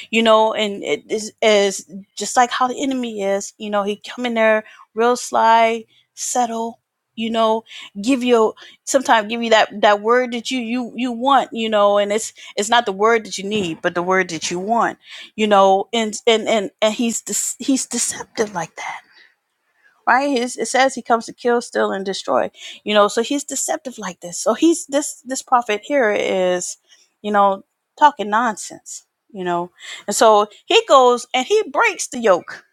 Speaker 1: you know and it is, is just like how the enemy is you know he come in there real sly settle you know give you sometimes give you that that word that you you you want you know and it's it's not the word that you need but the word that you want you know and and and, and he's de- he's deceptive like that right? He's, it says he comes to kill, steal, and destroy. You know, so he's deceptive like this. So he's this this prophet here is, you know, talking nonsense. You know, and so he goes and he breaks the yoke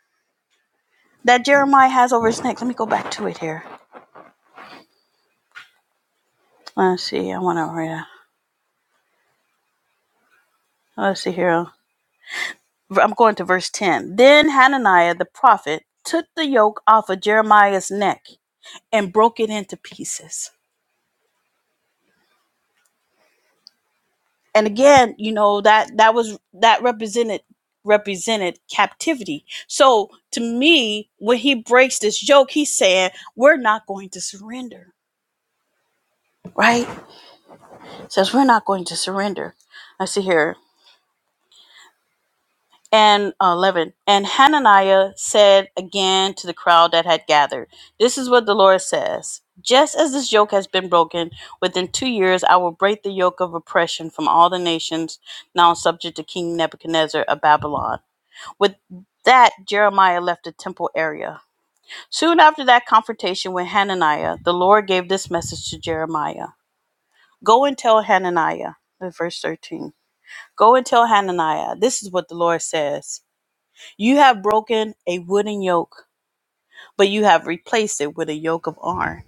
Speaker 1: that Jeremiah has over his neck. Let me go back to it here. Let's see. I want to read. it. Let's see here. I'm going to verse ten. Then Hananiah the prophet took the yoke off of Jeremiah's neck and broke it into pieces. and again you know that that was that represented represented captivity so to me when he breaks this yoke he's saying we're not going to surrender right says we're not going to surrender i see here and uh, 11 and hananiah said again to the crowd that had gathered this is what the lord says just as this yoke has been broken within two years i will break the yoke of oppression from all the nations now subject to king nebuchadnezzar of babylon With that, Jeremiah left the temple area. Soon after that confrontation with Hananiah, the Lord gave this message to Jeremiah Go and tell Hananiah, in verse 13. Go and tell Hananiah, this is what the Lord says You have broken a wooden yoke, but you have replaced it with a yoke of iron.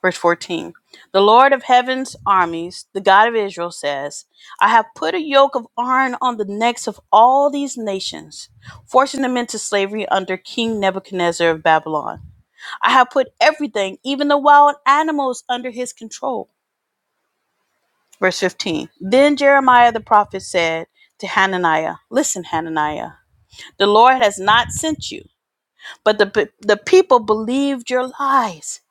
Speaker 1: Verse 14 The Lord of heaven's armies, the God of Israel, says, I have put a yoke of iron on the necks of all these nations, forcing them into slavery under King Nebuchadnezzar of Babylon. I have put everything, even the wild animals, under his control. Verse 15 Then Jeremiah the prophet said to Hananiah, Listen, Hananiah, the Lord has not sent you but the the people believed your lies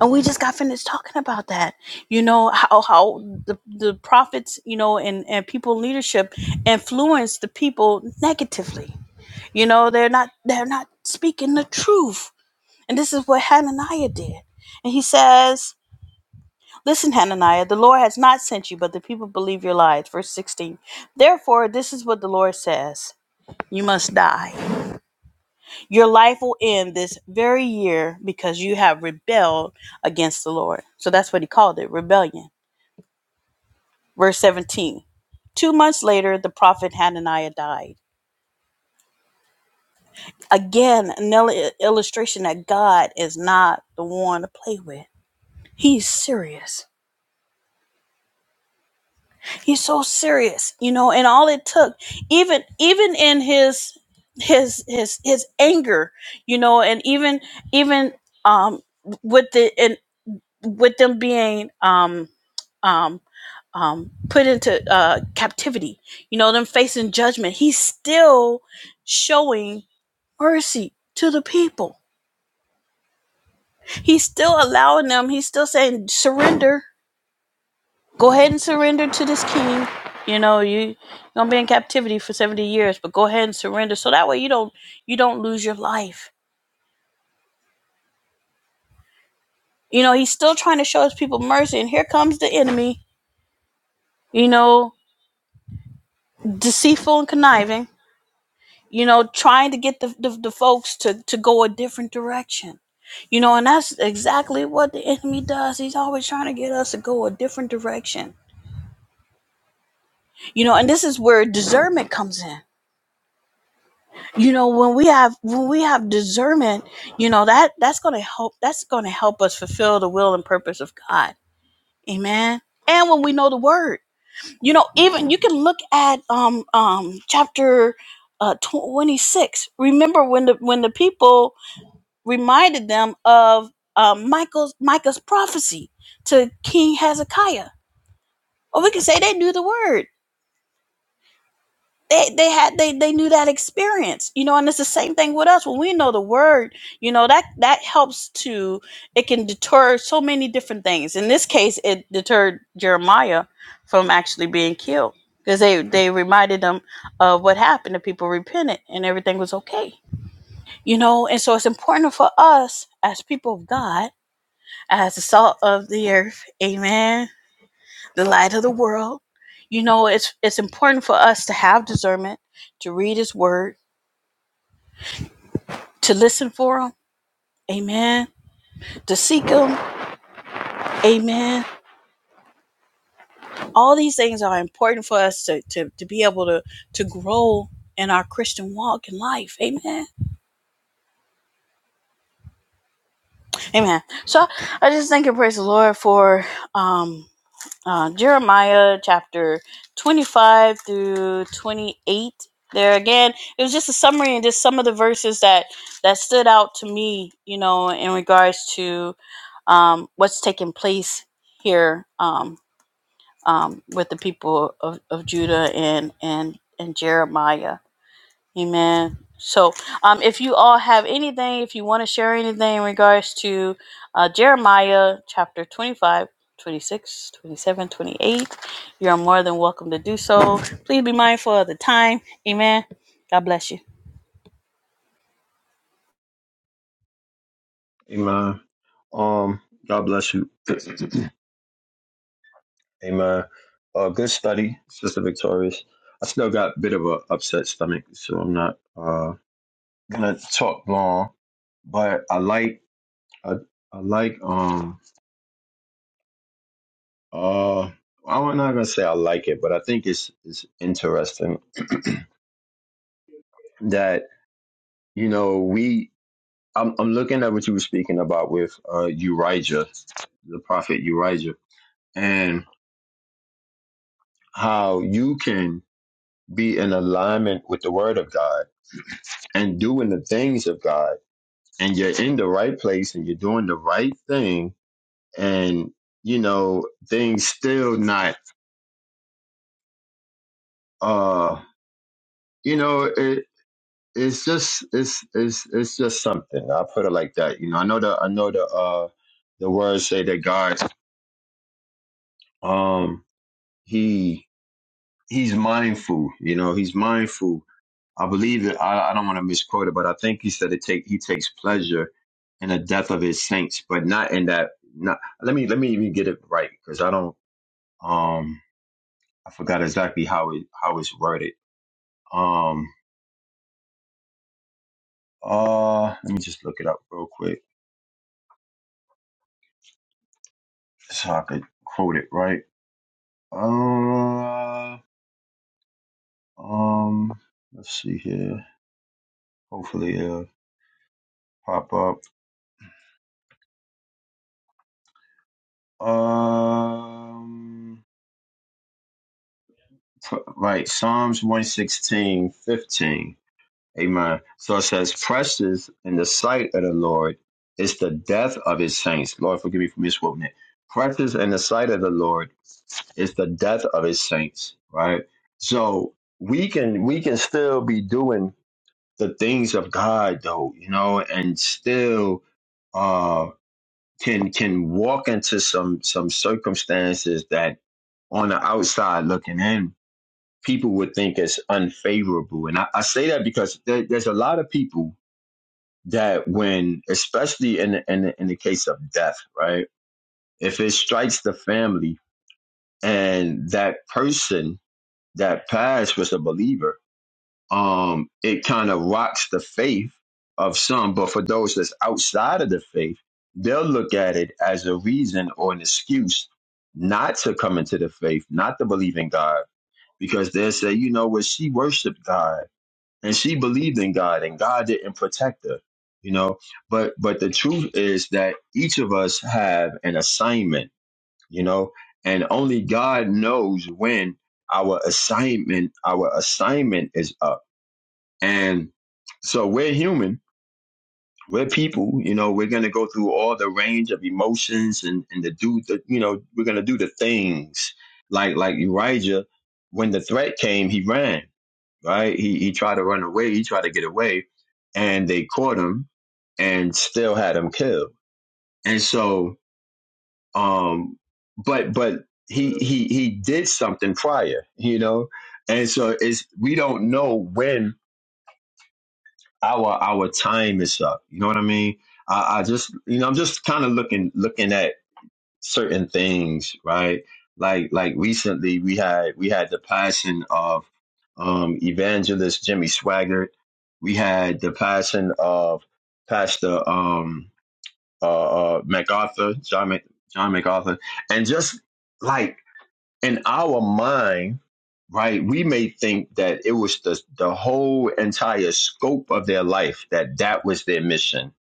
Speaker 1: and we just got finished talking about that you know how how the, the prophets you know and and people in leadership influence the people negatively you know they're not they're not speaking the truth and this is what hananiah did and he says Listen, Hananiah, the Lord has not sent you, but the people believe your lies. Verse 16. Therefore, this is what the Lord says You must die your life will end this very year because you have rebelled against the Lord. So that's what he called it rebellion. Verse 17. Two months later, the prophet Hananiah died. Again, another illustration that God is not the one to play with. He's serious. He's so serious, you know. And all it took, even even in his his his his anger, you know, and even even um with the in with them being um um um put into uh captivity you know them facing judgment he's still showing mercy to the people he's still allowing them he's still saying surrender go ahead and surrender to this king you know you you're gonna be in captivity for 70 years but go ahead and surrender so that way you don't you don't lose your life you know he's still trying to show his people mercy and here comes the enemy you know deceitful and conniving you know, trying to get the, the, the folks to, to go a different direction. You know, and that's exactly what the enemy does. He's always trying to get us to go a different direction. You know, and this is where discernment comes in. You know, when we have when we have discernment, you know, that that's going to help that's going to help us fulfill the will and purpose of God. Amen. And when we know the word, you know, even you can look at um um chapter uh 26. Remember when the when the people reminded them of um, Michael's Micah's prophecy to King Hezekiah. Or we can say they knew the word. They they had they they knew that experience, you know. And it's the same thing with us when we know the word, you know that that helps to it can deter so many different things. In this case, it deterred Jeremiah from actually being killed because they they reminded them of what happened. The people repented and everything was okay, you know. And so it's important for us as people of God as the salt of the earth, amen, the light of the world. You know, it's it's important for us to have discernment, to read his word, to listen for him, amen, to seek him, amen. All these things are important for us to, to, to be able to, to grow in our Christian walk in life, amen, amen. So I just thank and praise the Lord for um uh, Jeremiah chapter 25 through 28. There again, it was just a summary and just some of the verses that that stood out to me, you know, in regards to um, what's taking place here um, um, with the people of, of Judah and and and Jeremiah. Amen. So, um, if you all have anything, if you want to share anything in regards to uh, Jeremiah chapter 25, 26, 27, 28, you are more than welcome to do so. Please be mindful of the time. Amen. God bless you.
Speaker 2: Amen. Um, God bless you. [clears throat] Amen. Uh, good study, Sister Victorious. I still got a bit of a upset stomach, so I'm not uh gonna talk long. But I like, I, I like um uh I'm not gonna say I like it, but I think it's it's interesting that. You know, we I'm I'm looking at what you were speaking about with uh Urijah, the prophet Urijah, and how you can be in alignment with the word of God and doing the things of God and you're in the right place and you're doing the right thing and you know things still not uh you know it it's just it's it's it's just something i put it like that you know i know the i know the uh the words say that god um he he's mindful. You know, he's mindful. I believe that I, I don't want to misquote it, but I think he said it take he takes pleasure in the death of his saints, but not in that. Not let me let me even get it right because I don't um I forgot exactly how it how it's worded. Um uh let me just look it up real quick so I could quote it right. Uh um let's see here. Hopefully it'll pop up. Um Right. Psalms one sixteen fifteen, Amen. So it says, Precious in the sight of the Lord is the death of his saints. Lord, forgive me for misquoting it. Precious in the sight of the Lord is the death of his saints, right? So we can we can still be doing the things of God though, you know, and still uh can can walk into some some circumstances that on the outside looking in people would think is unfavorable. And I, I say that because there, there's a lot of people that when, especially in the, in the, in the case of death, right? If it strikes the family and that person that passed was a believer, um, it kind of rocks the faith of some. But for those that's outside of the faith, they'll look at it as a reason or an excuse not to come into the faith, not to believe in God, because they'll say, you know, well, she worshiped God and she believed in God and God didn't protect her you know but but the truth is that each of us have an assignment you know and only God knows when our assignment our assignment is up and so we're human we're people you know we're going to go through all the range of emotions and and to do the you know we're going to do the things like like Elijah when the threat came he ran right? He he tried to run away, he tried to get away, and they caught him and still had him killed. And so, um, but but he he he did something prior, you know, and so it's we don't know when our our time is up. You know what I mean? I, I just you know I'm just kind of looking looking at certain things, right? Like like recently we had we had the passing of um evangelist Jimmy Swaggart. We had the passing of Pastor um uh, uh MacArthur, John Mac, John MacArthur, and just like in our mind right? We may think that it was the, the whole entire scope of their life that that was their mission,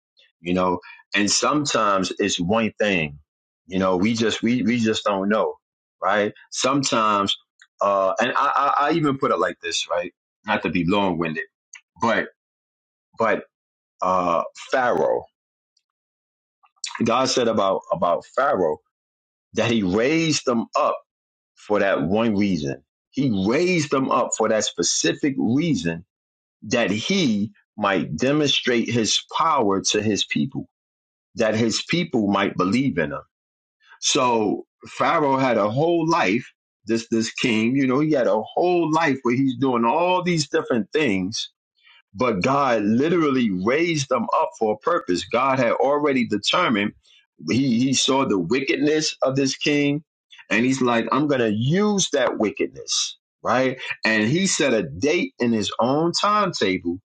Speaker 2: you know? And sometimes it's one thing, you know, we just, we, we just don't know, right? Sometimes, uh, and I, I, I even put it like this, right? Not to be long winded, but, but, uh, Pharaoh, God said about, about Pharaoh that he raised them up for that one reason. He raised them up for that specific reason that he might demonstrate his power to his people, that his people might believe in him. So Pharaoh had a whole life, this this king, you know, he had a whole life where he's doing all these different things but God literally raised them up for a purpose. God had already determined he he saw the wickedness of this king and he's like I'm going to use that wickedness, right? And he set a date in his own timetable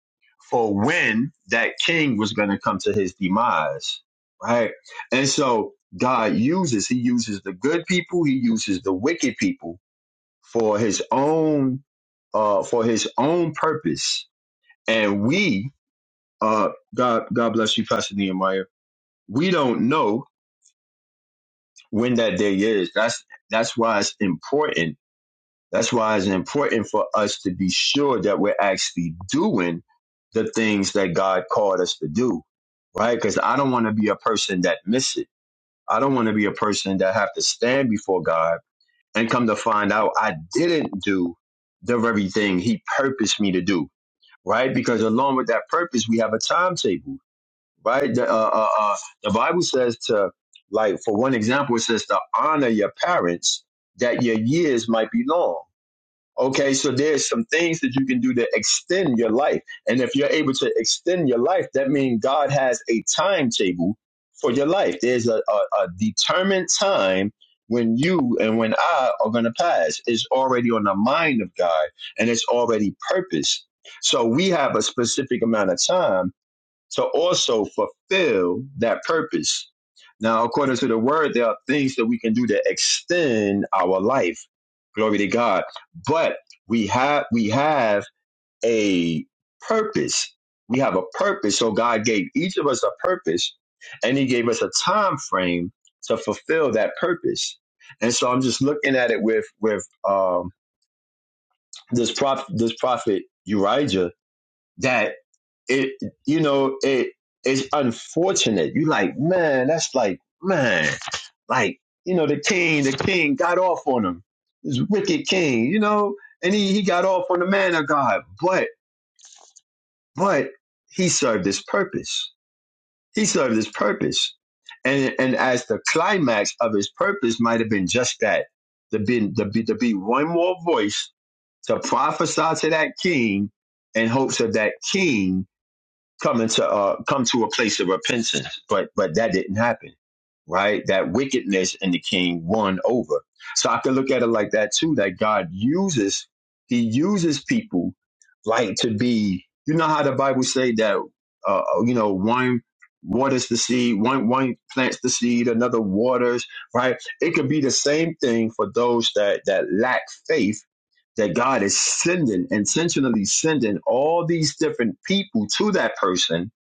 Speaker 2: for when that king was going to come to his demise, right? And so God uses he uses the good people, he uses the wicked people for his own uh for his own purpose and we, uh, God, God bless you, Pastor Nehemiah. We don't know when that day is. That's that's why it's important. That's why it's important for us to be sure that we're actually doing the things that God called us to do, right? Because I don't want to be a person that miss it. I don't want to be a person that have to stand before God and come to find out I didn't do the very thing He purposed me to do, right? Because along with that purpose, we have a timetable right? The, uh, uh, uh, the Bible says to, like, for one example, it says to honor your parents that your years might be long. Okay, so there's some things that you can do to extend your life. And if you're able to extend your life, that means God has a timetable for your life. There's a, a, a determined time when you and when I are going to pass. It's already on the mind of God and it's already purpose. So we have a specific amount of time to also fulfill that purpose. Now, according to the word, there are things that we can do to extend our life. Glory to God. But we have we have a purpose. We have a purpose. So God gave each of us a purpose and he gave us a time frame to fulfill that purpose. And so I'm just looking at it with with um, this prophet this prophet Urijah that it you know it it's unfortunate you like man that's like man like you know the king the king got off on him this wicked king you know and he, he got off on the man of god but but he served his purpose he served his purpose and and as the climax of his purpose might have been just that to be, to be, to be one more voice to prophesy to that king in hopes of that king come into uh come to a place of repentance but but that didn't happen right that wickedness in the king won over so i can look at it like that too that god uses he uses people like to be you know how the bible say that uh uh, you know one waters the seed one one plants the seed another waters right it could be the same thing for those that that lack faith that God is sending, intentionally sending all these different people to that person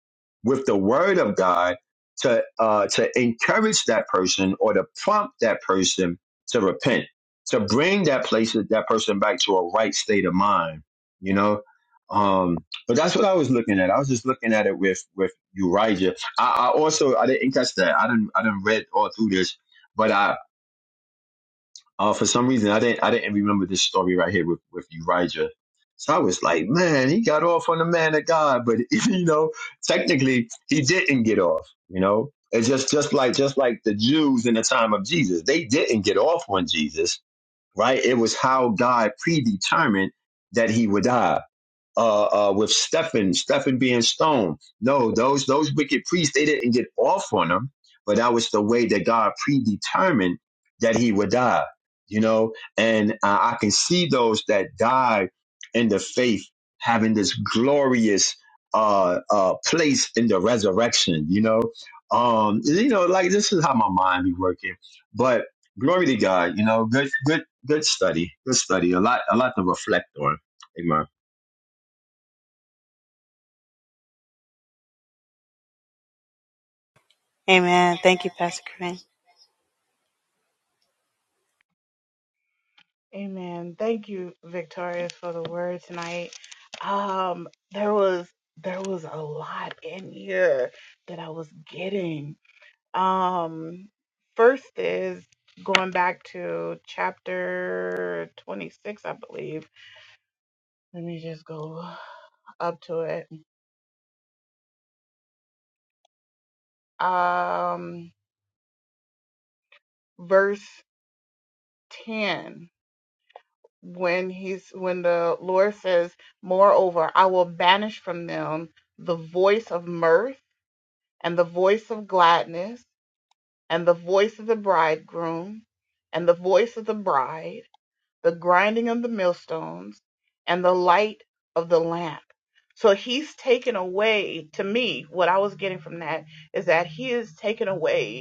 Speaker 2: with the word of God to uh, to encourage that person or to prompt that person to repent, to bring that place that person back to a right state of mind, you know. Um, but that's what I was looking at. I was just looking at it with with Urijah. I, I also I didn't catch that. I didn't I didn't read all through this, but I uh, for some reason, I didn't I didn't remember this story right here with with Urijah. So I was like, man, he got off on the man of God, but [laughs] you know, technically, he didn't get off. You know, it's just just like just like the Jews in the time of Jesus, they didn't get off on Jesus, right? It was how God predetermined that he would die uh, uh, with Stephen, Stephen being stoned. No, those those wicked priests they didn't get off on him, but that was the way that God predetermined that he would die. You know, and uh, I can see those that died in the faith having this glorious uh, uh, place in the resurrection. You know, um, you know, like this is how my mind be working, but. Glory to God, you know, good, good, good study, good study, a lot, a lot to reflect on. Amen.
Speaker 1: Amen. Thank you, Pastor Corinne.
Speaker 3: Amen. Thank you, Victoria, for the word tonight. Um, there was there was a lot in here that I was getting. Um, first is going back to chapter 26, I believe. Let me just go up to it. Um, verse 10. when he's when the Lord says, "Moreover, I will banish from them the voice of mirth and the voice of gladness and the voice of the bridegroom and the voice of the bride, the grinding of the millstones and the light of the lamp." So he's taken away to me what I was getting from that is that he is taken away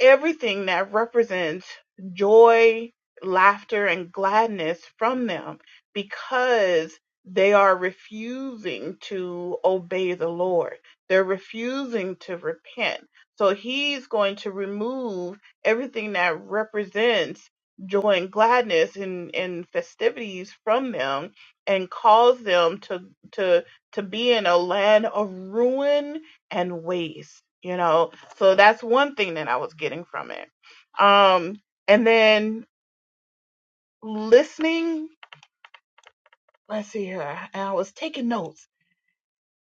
Speaker 3: everything that represents joy, laughter, and gladness from them because they are refusing to obey the Lord. They're refusing to repent. So he's going to remove everything that represents joy and gladness and, and festivities from them and cause them to to to be in a land of ruin and waste, you know. So that's one thing that I was getting from it. Um, and then listening, let's see here, and I was taking notes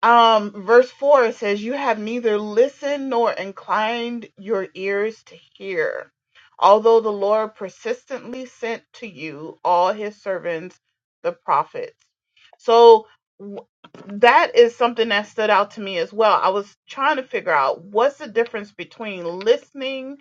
Speaker 3: um verse 4 it says you have neither listened nor inclined your ears to hear although the lord persistently sent to you all his servants the prophets so w- that is something that stood out to me as well i was trying to figure out what's the difference between listening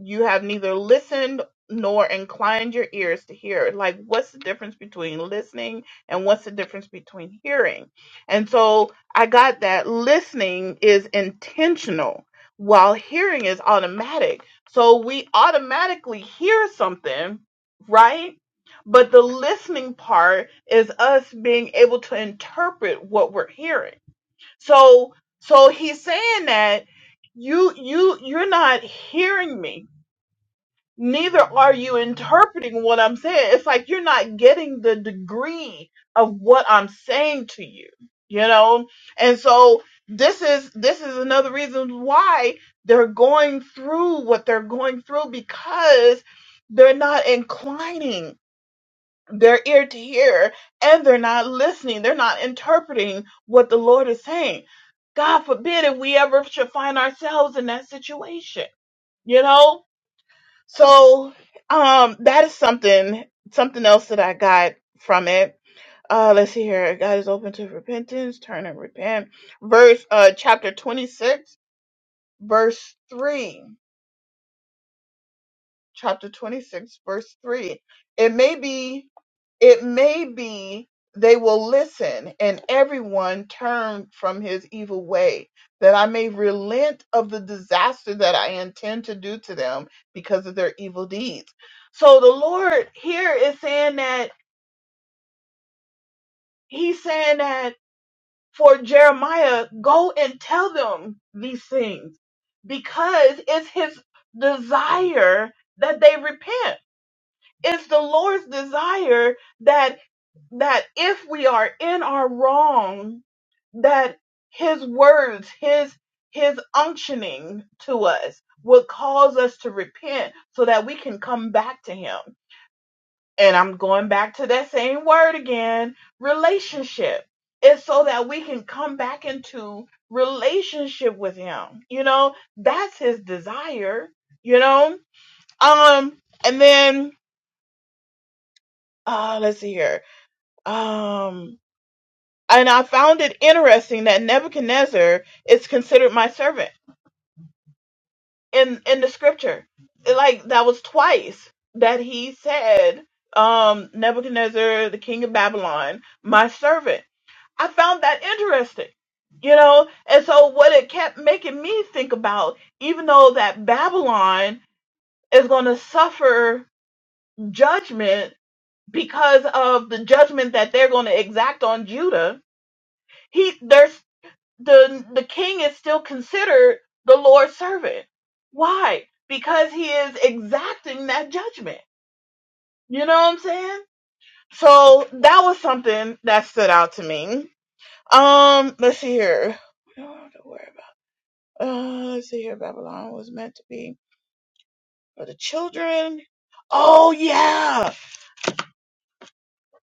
Speaker 3: you have neither listened nor inclined your ears to hear like what's the difference between listening and what's the difference between hearing and so I got that listening is intentional while hearing is automatic. So we automatically hear something, right? But the listening part is us being able to interpret what we're hearing. So so he's saying that you you you're not hearing me neither are you interpreting what I'm saying. It's like you're not getting the degree of what I'm saying to you, you know? And so this is this is another reason why they're going through what they're going through because they're not inclining their ear to hear and they're not listening. They're not interpreting what the Lord is saying. God forbid if we ever should find ourselves in that situation, you know? So um that is something something else that I got from it. Uh let's see here. God is open to repentance, turn and repent. Verse uh chapter 26, verse 3 chapter 26 verse 3 it may be it may be they will listen and everyone turn from his evil way that i may relent of the disaster that i intend to do to them because of their evil deeds so the lord here is saying that he's saying that for jeremiah go and tell them these things because it's his desire that they repent It's the Lord's desire that that if we are in our wrong, that his words, his his unctioning to us would cause us to repent so that we can come back to him. And I'm going back to that same word again, relationship. It's so that we can come back into relationship with him. You know, that's his desire, you know? Um and then uh let's see here. Um, and I found it interesting that Nebuchadnezzar is considered my servant in in the scripture. Like that was twice that he said, um, Nebuchadnezzar, the king of Babylon, my servant. I found that interesting, you know. And so what it kept making me think about, even though that Babylon is going to suffer judgment because of the judgment that they're going to exact on Judah, he there's the the king is still considered the Lord's servant. Why? Because he is exacting that judgment. You know what I'm saying? So that was something that stood out to me. Um, let's see here. We don't have to worry about. Uh, let's see here. Babylon was meant to be for the children. Oh yeah,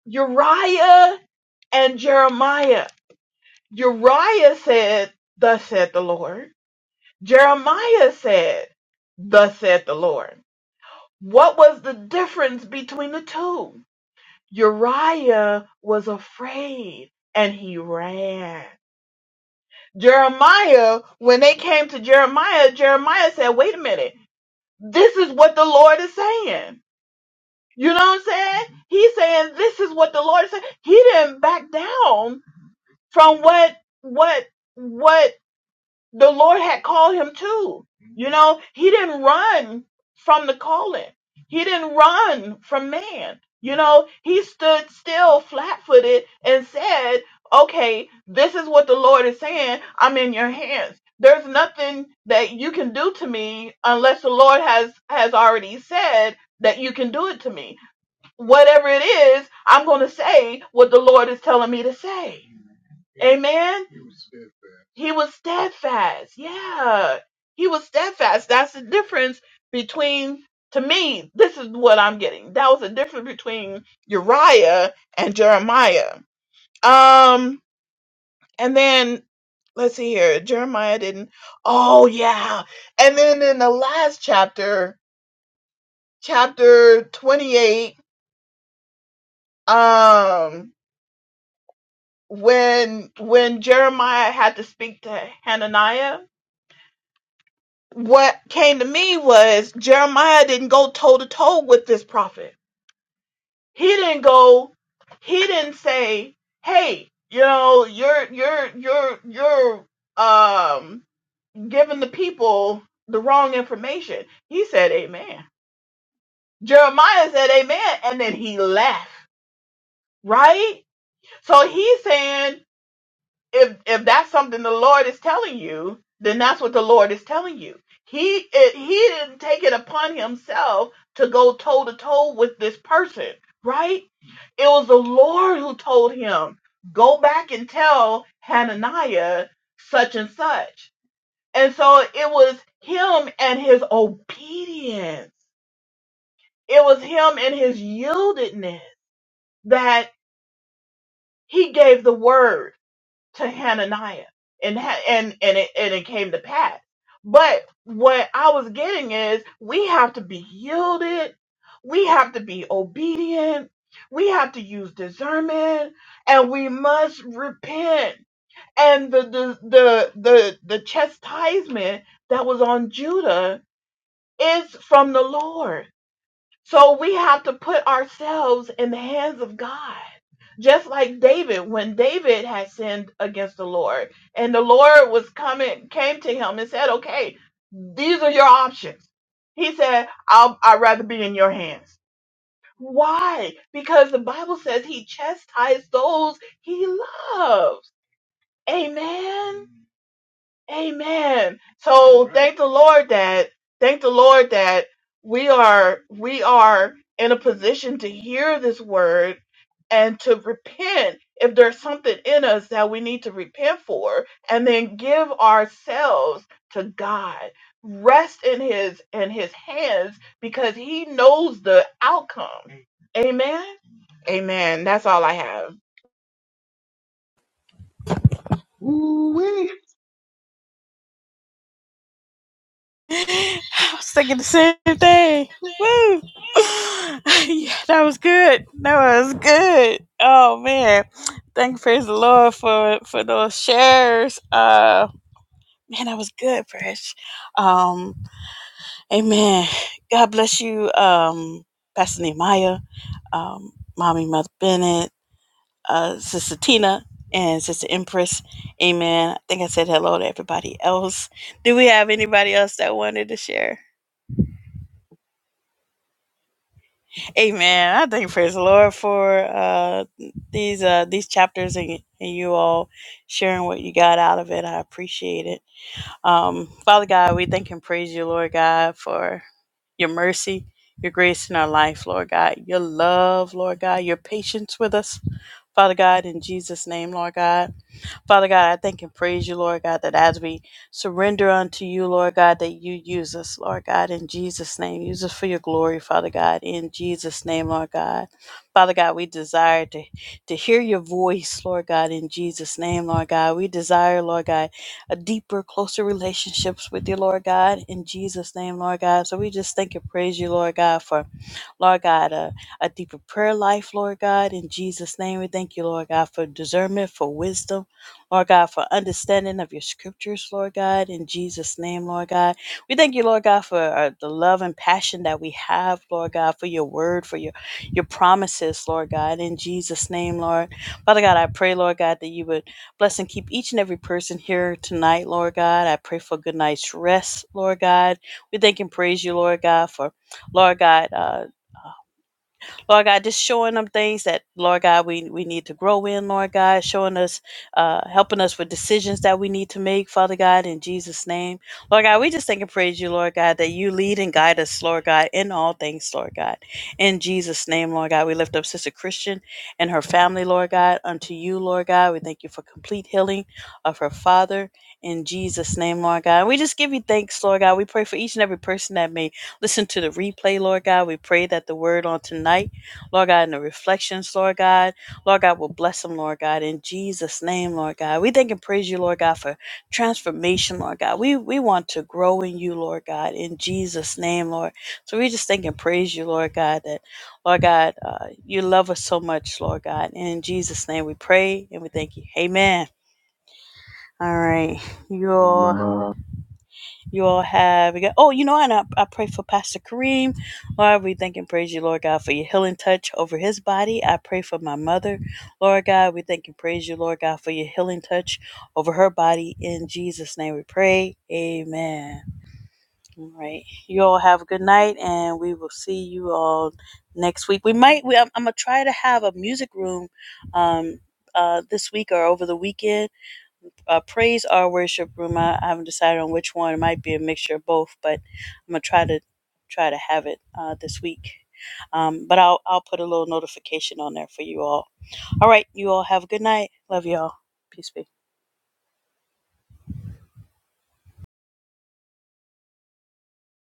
Speaker 3: Uriah and Jeremiah. Uriah said, "Thus said the Lord." Jeremiah said, "Thus said the Lord." What was the difference between the two? Uriah was afraid and he ran. Jeremiah, when they came to Jeremiah, Jeremiah said, wait a minute, this is what the Lord is saying. You know what I'm saying? He's saying this is what the Lord is saying. He didn't back down from what, what, what the Lord had called him too, You know, he didn't run from the calling. He didn't run from man. You know, he stood still flat footed and said, Okay, this is what the Lord is saying. I'm in your hands. There's nothing that you can do to me unless the Lord has, has already said that you can do it to me. Whatever it is, I'm going to say what the Lord is telling me to say. Amen. He was steadfast. Yeah. He was steadfast. That's the difference between, to me, this is what I'm getting. That was the difference between Uriah and Jeremiah. Um, and then let's see here. Jeremiah didn't. Oh, yeah. And then in the last chapter, chapter 28, um, when when Jeremiah had to speak to Hananiah, what came to me was Jeremiah didn't go toe to toe with this prophet. He didn't go. He didn't say, "Hey, you know, you're you're you're you're um giving the people the wrong information." He said, "Amen." Jeremiah said, "Amen," and then he left. Right? So he's saying if if that's something the Lord is telling you, then that's what the Lord is telling you. He it, he didn't take it upon himself to go toe to toe with this person, right? It was the Lord who told him, "Go back and tell Hananiah such and such." And so it was him and his obedience. It was him and his yieldedness that he gave the word to Hananiah, and ha- and and it and it came to pass. But what I was getting is we have to be yielded, we have to be obedient, we have to use discernment, and we must repent. And the the the the, the chastisement that was on Judah is from the Lord. So we have to put ourselves in the hands of God just like David, when David had sinned against the Lord, and the Lord was coming, came to him and said, "Okay, these are your options." He said, I'll, "I'd rather be in your hands." Why? Because the Bible says He chastised those He loves. Amen. Amen. So Right. thank the Lord that thank the Lord that we are we are in a position to hear this word and to repent if there's something in us that we need to repent for and then give ourselves to God. Rest in his in his hands because he knows the outcome. Amen. Amen. That's all I have.
Speaker 2: Ooh wee
Speaker 1: [laughs] I was thinking the same thing. Woo! [laughs] yeah, that was good. That was good. Oh man. Thank you, praise the Lord for for those shares. Uh, Man, that was good, Fresh. Um, amen. God bless you, um, Pastor Nehemiah, um, Mommy Mother Bennett, uh, Sister Tina, and Sister Empress. Amen. I think I said hello to everybody else. Do we have anybody else that wanted to share? Amen. I thank praise the Lord for uh, these uh, these chapters and, and you all sharing what you got out of it. I appreciate it. Um, Father God, we thank and praise you, Lord God, for your mercy, your grace in our life, Lord God, your love, Lord God, your patience with us, Father God, in Jesus' name, Lord God. Father God, I thank and praise you, Lord God, that as we surrender unto you, Lord God, that you use us, Lord God, in Jesus' name. Use us for your glory, Father God, in Jesus' name, Lord God. Father God, we desire to, to hear your voice, Lord God, in Jesus' name, Lord God. We desire, Lord God, a deeper, closer relationships with you, Lord God, in Jesus' name, Lord God. So we just thank and praise you, Lord God, for Lord God, a, a deeper prayer life, Lord God. In Jesus' name, we thank you, Lord God, for discernment, for wisdom, Lord God, for understanding of your scriptures, Lord God. In Jesus' name, Lord God. We thank you, Lord God, for uh, the love and passion that we have, Lord God, for your word, for your, your promises, Lord God. In Jesus' name, Lord. Father God, I pray, Lord God, that you would bless and keep each and every person here tonight, Lord God. I pray for a good night's rest, Lord God. We thank and praise you, Lord God, for, Lord God. uh, Lord God, just showing them things that, Lord God, we, we need to grow in, Lord God, showing us, uh, helping us with decisions that we need to make, Father God, in Jesus' name. Lord God, we just thank and praise you, Lord God, that you lead and guide us, Lord God, in all things, Lord God. In Jesus' name, Lord God, we lift up Sister Christian and her family, Lord God, unto you, Lord God. We thank you for complete healing of her father. In Jesus' name, Lord God. We just give you thanks, Lord God. We pray for each and every person that may listen to the replay, Lord God. We pray that the word on tonight Lord God, in the reflections, Lord God. Lord God will bless them, Lord God, in Jesus' name, Lord God. We thank and praise you, Lord God, for transformation, Lord God. We we want to grow in you, Lord God, in Jesus' name, Lord. So we just thank and praise you, Lord God, that Lord God, uh, you love us so much, Lord God. And in Jesus' name we pray and we thank you. Amen. All right. You
Speaker 2: Hey,
Speaker 1: all
Speaker 2: ma.
Speaker 1: you all have, we got- oh, you know, and I, I pray for Pastor Kareem. Lord, we thank and praise you, Lord God, for your healing touch over his body. I pray for my mother, Lord God. We thank and praise you, Lord God, for your healing touch over her body. In Jesus' name we pray. Amen. All right. You all have a good night, and we will see you all next week. We might, we, I'm, I'm going to try to have a music room um, uh, this week or over the weekend uh, praise or worship room. I, I haven't decided on which one. It might be a mixture of both, but I'm gonna try to try to have it uh, this week. Um, but I'll I'll put a little notification on there for you all. All right, you all have a good night. Love you all. Peace, peace.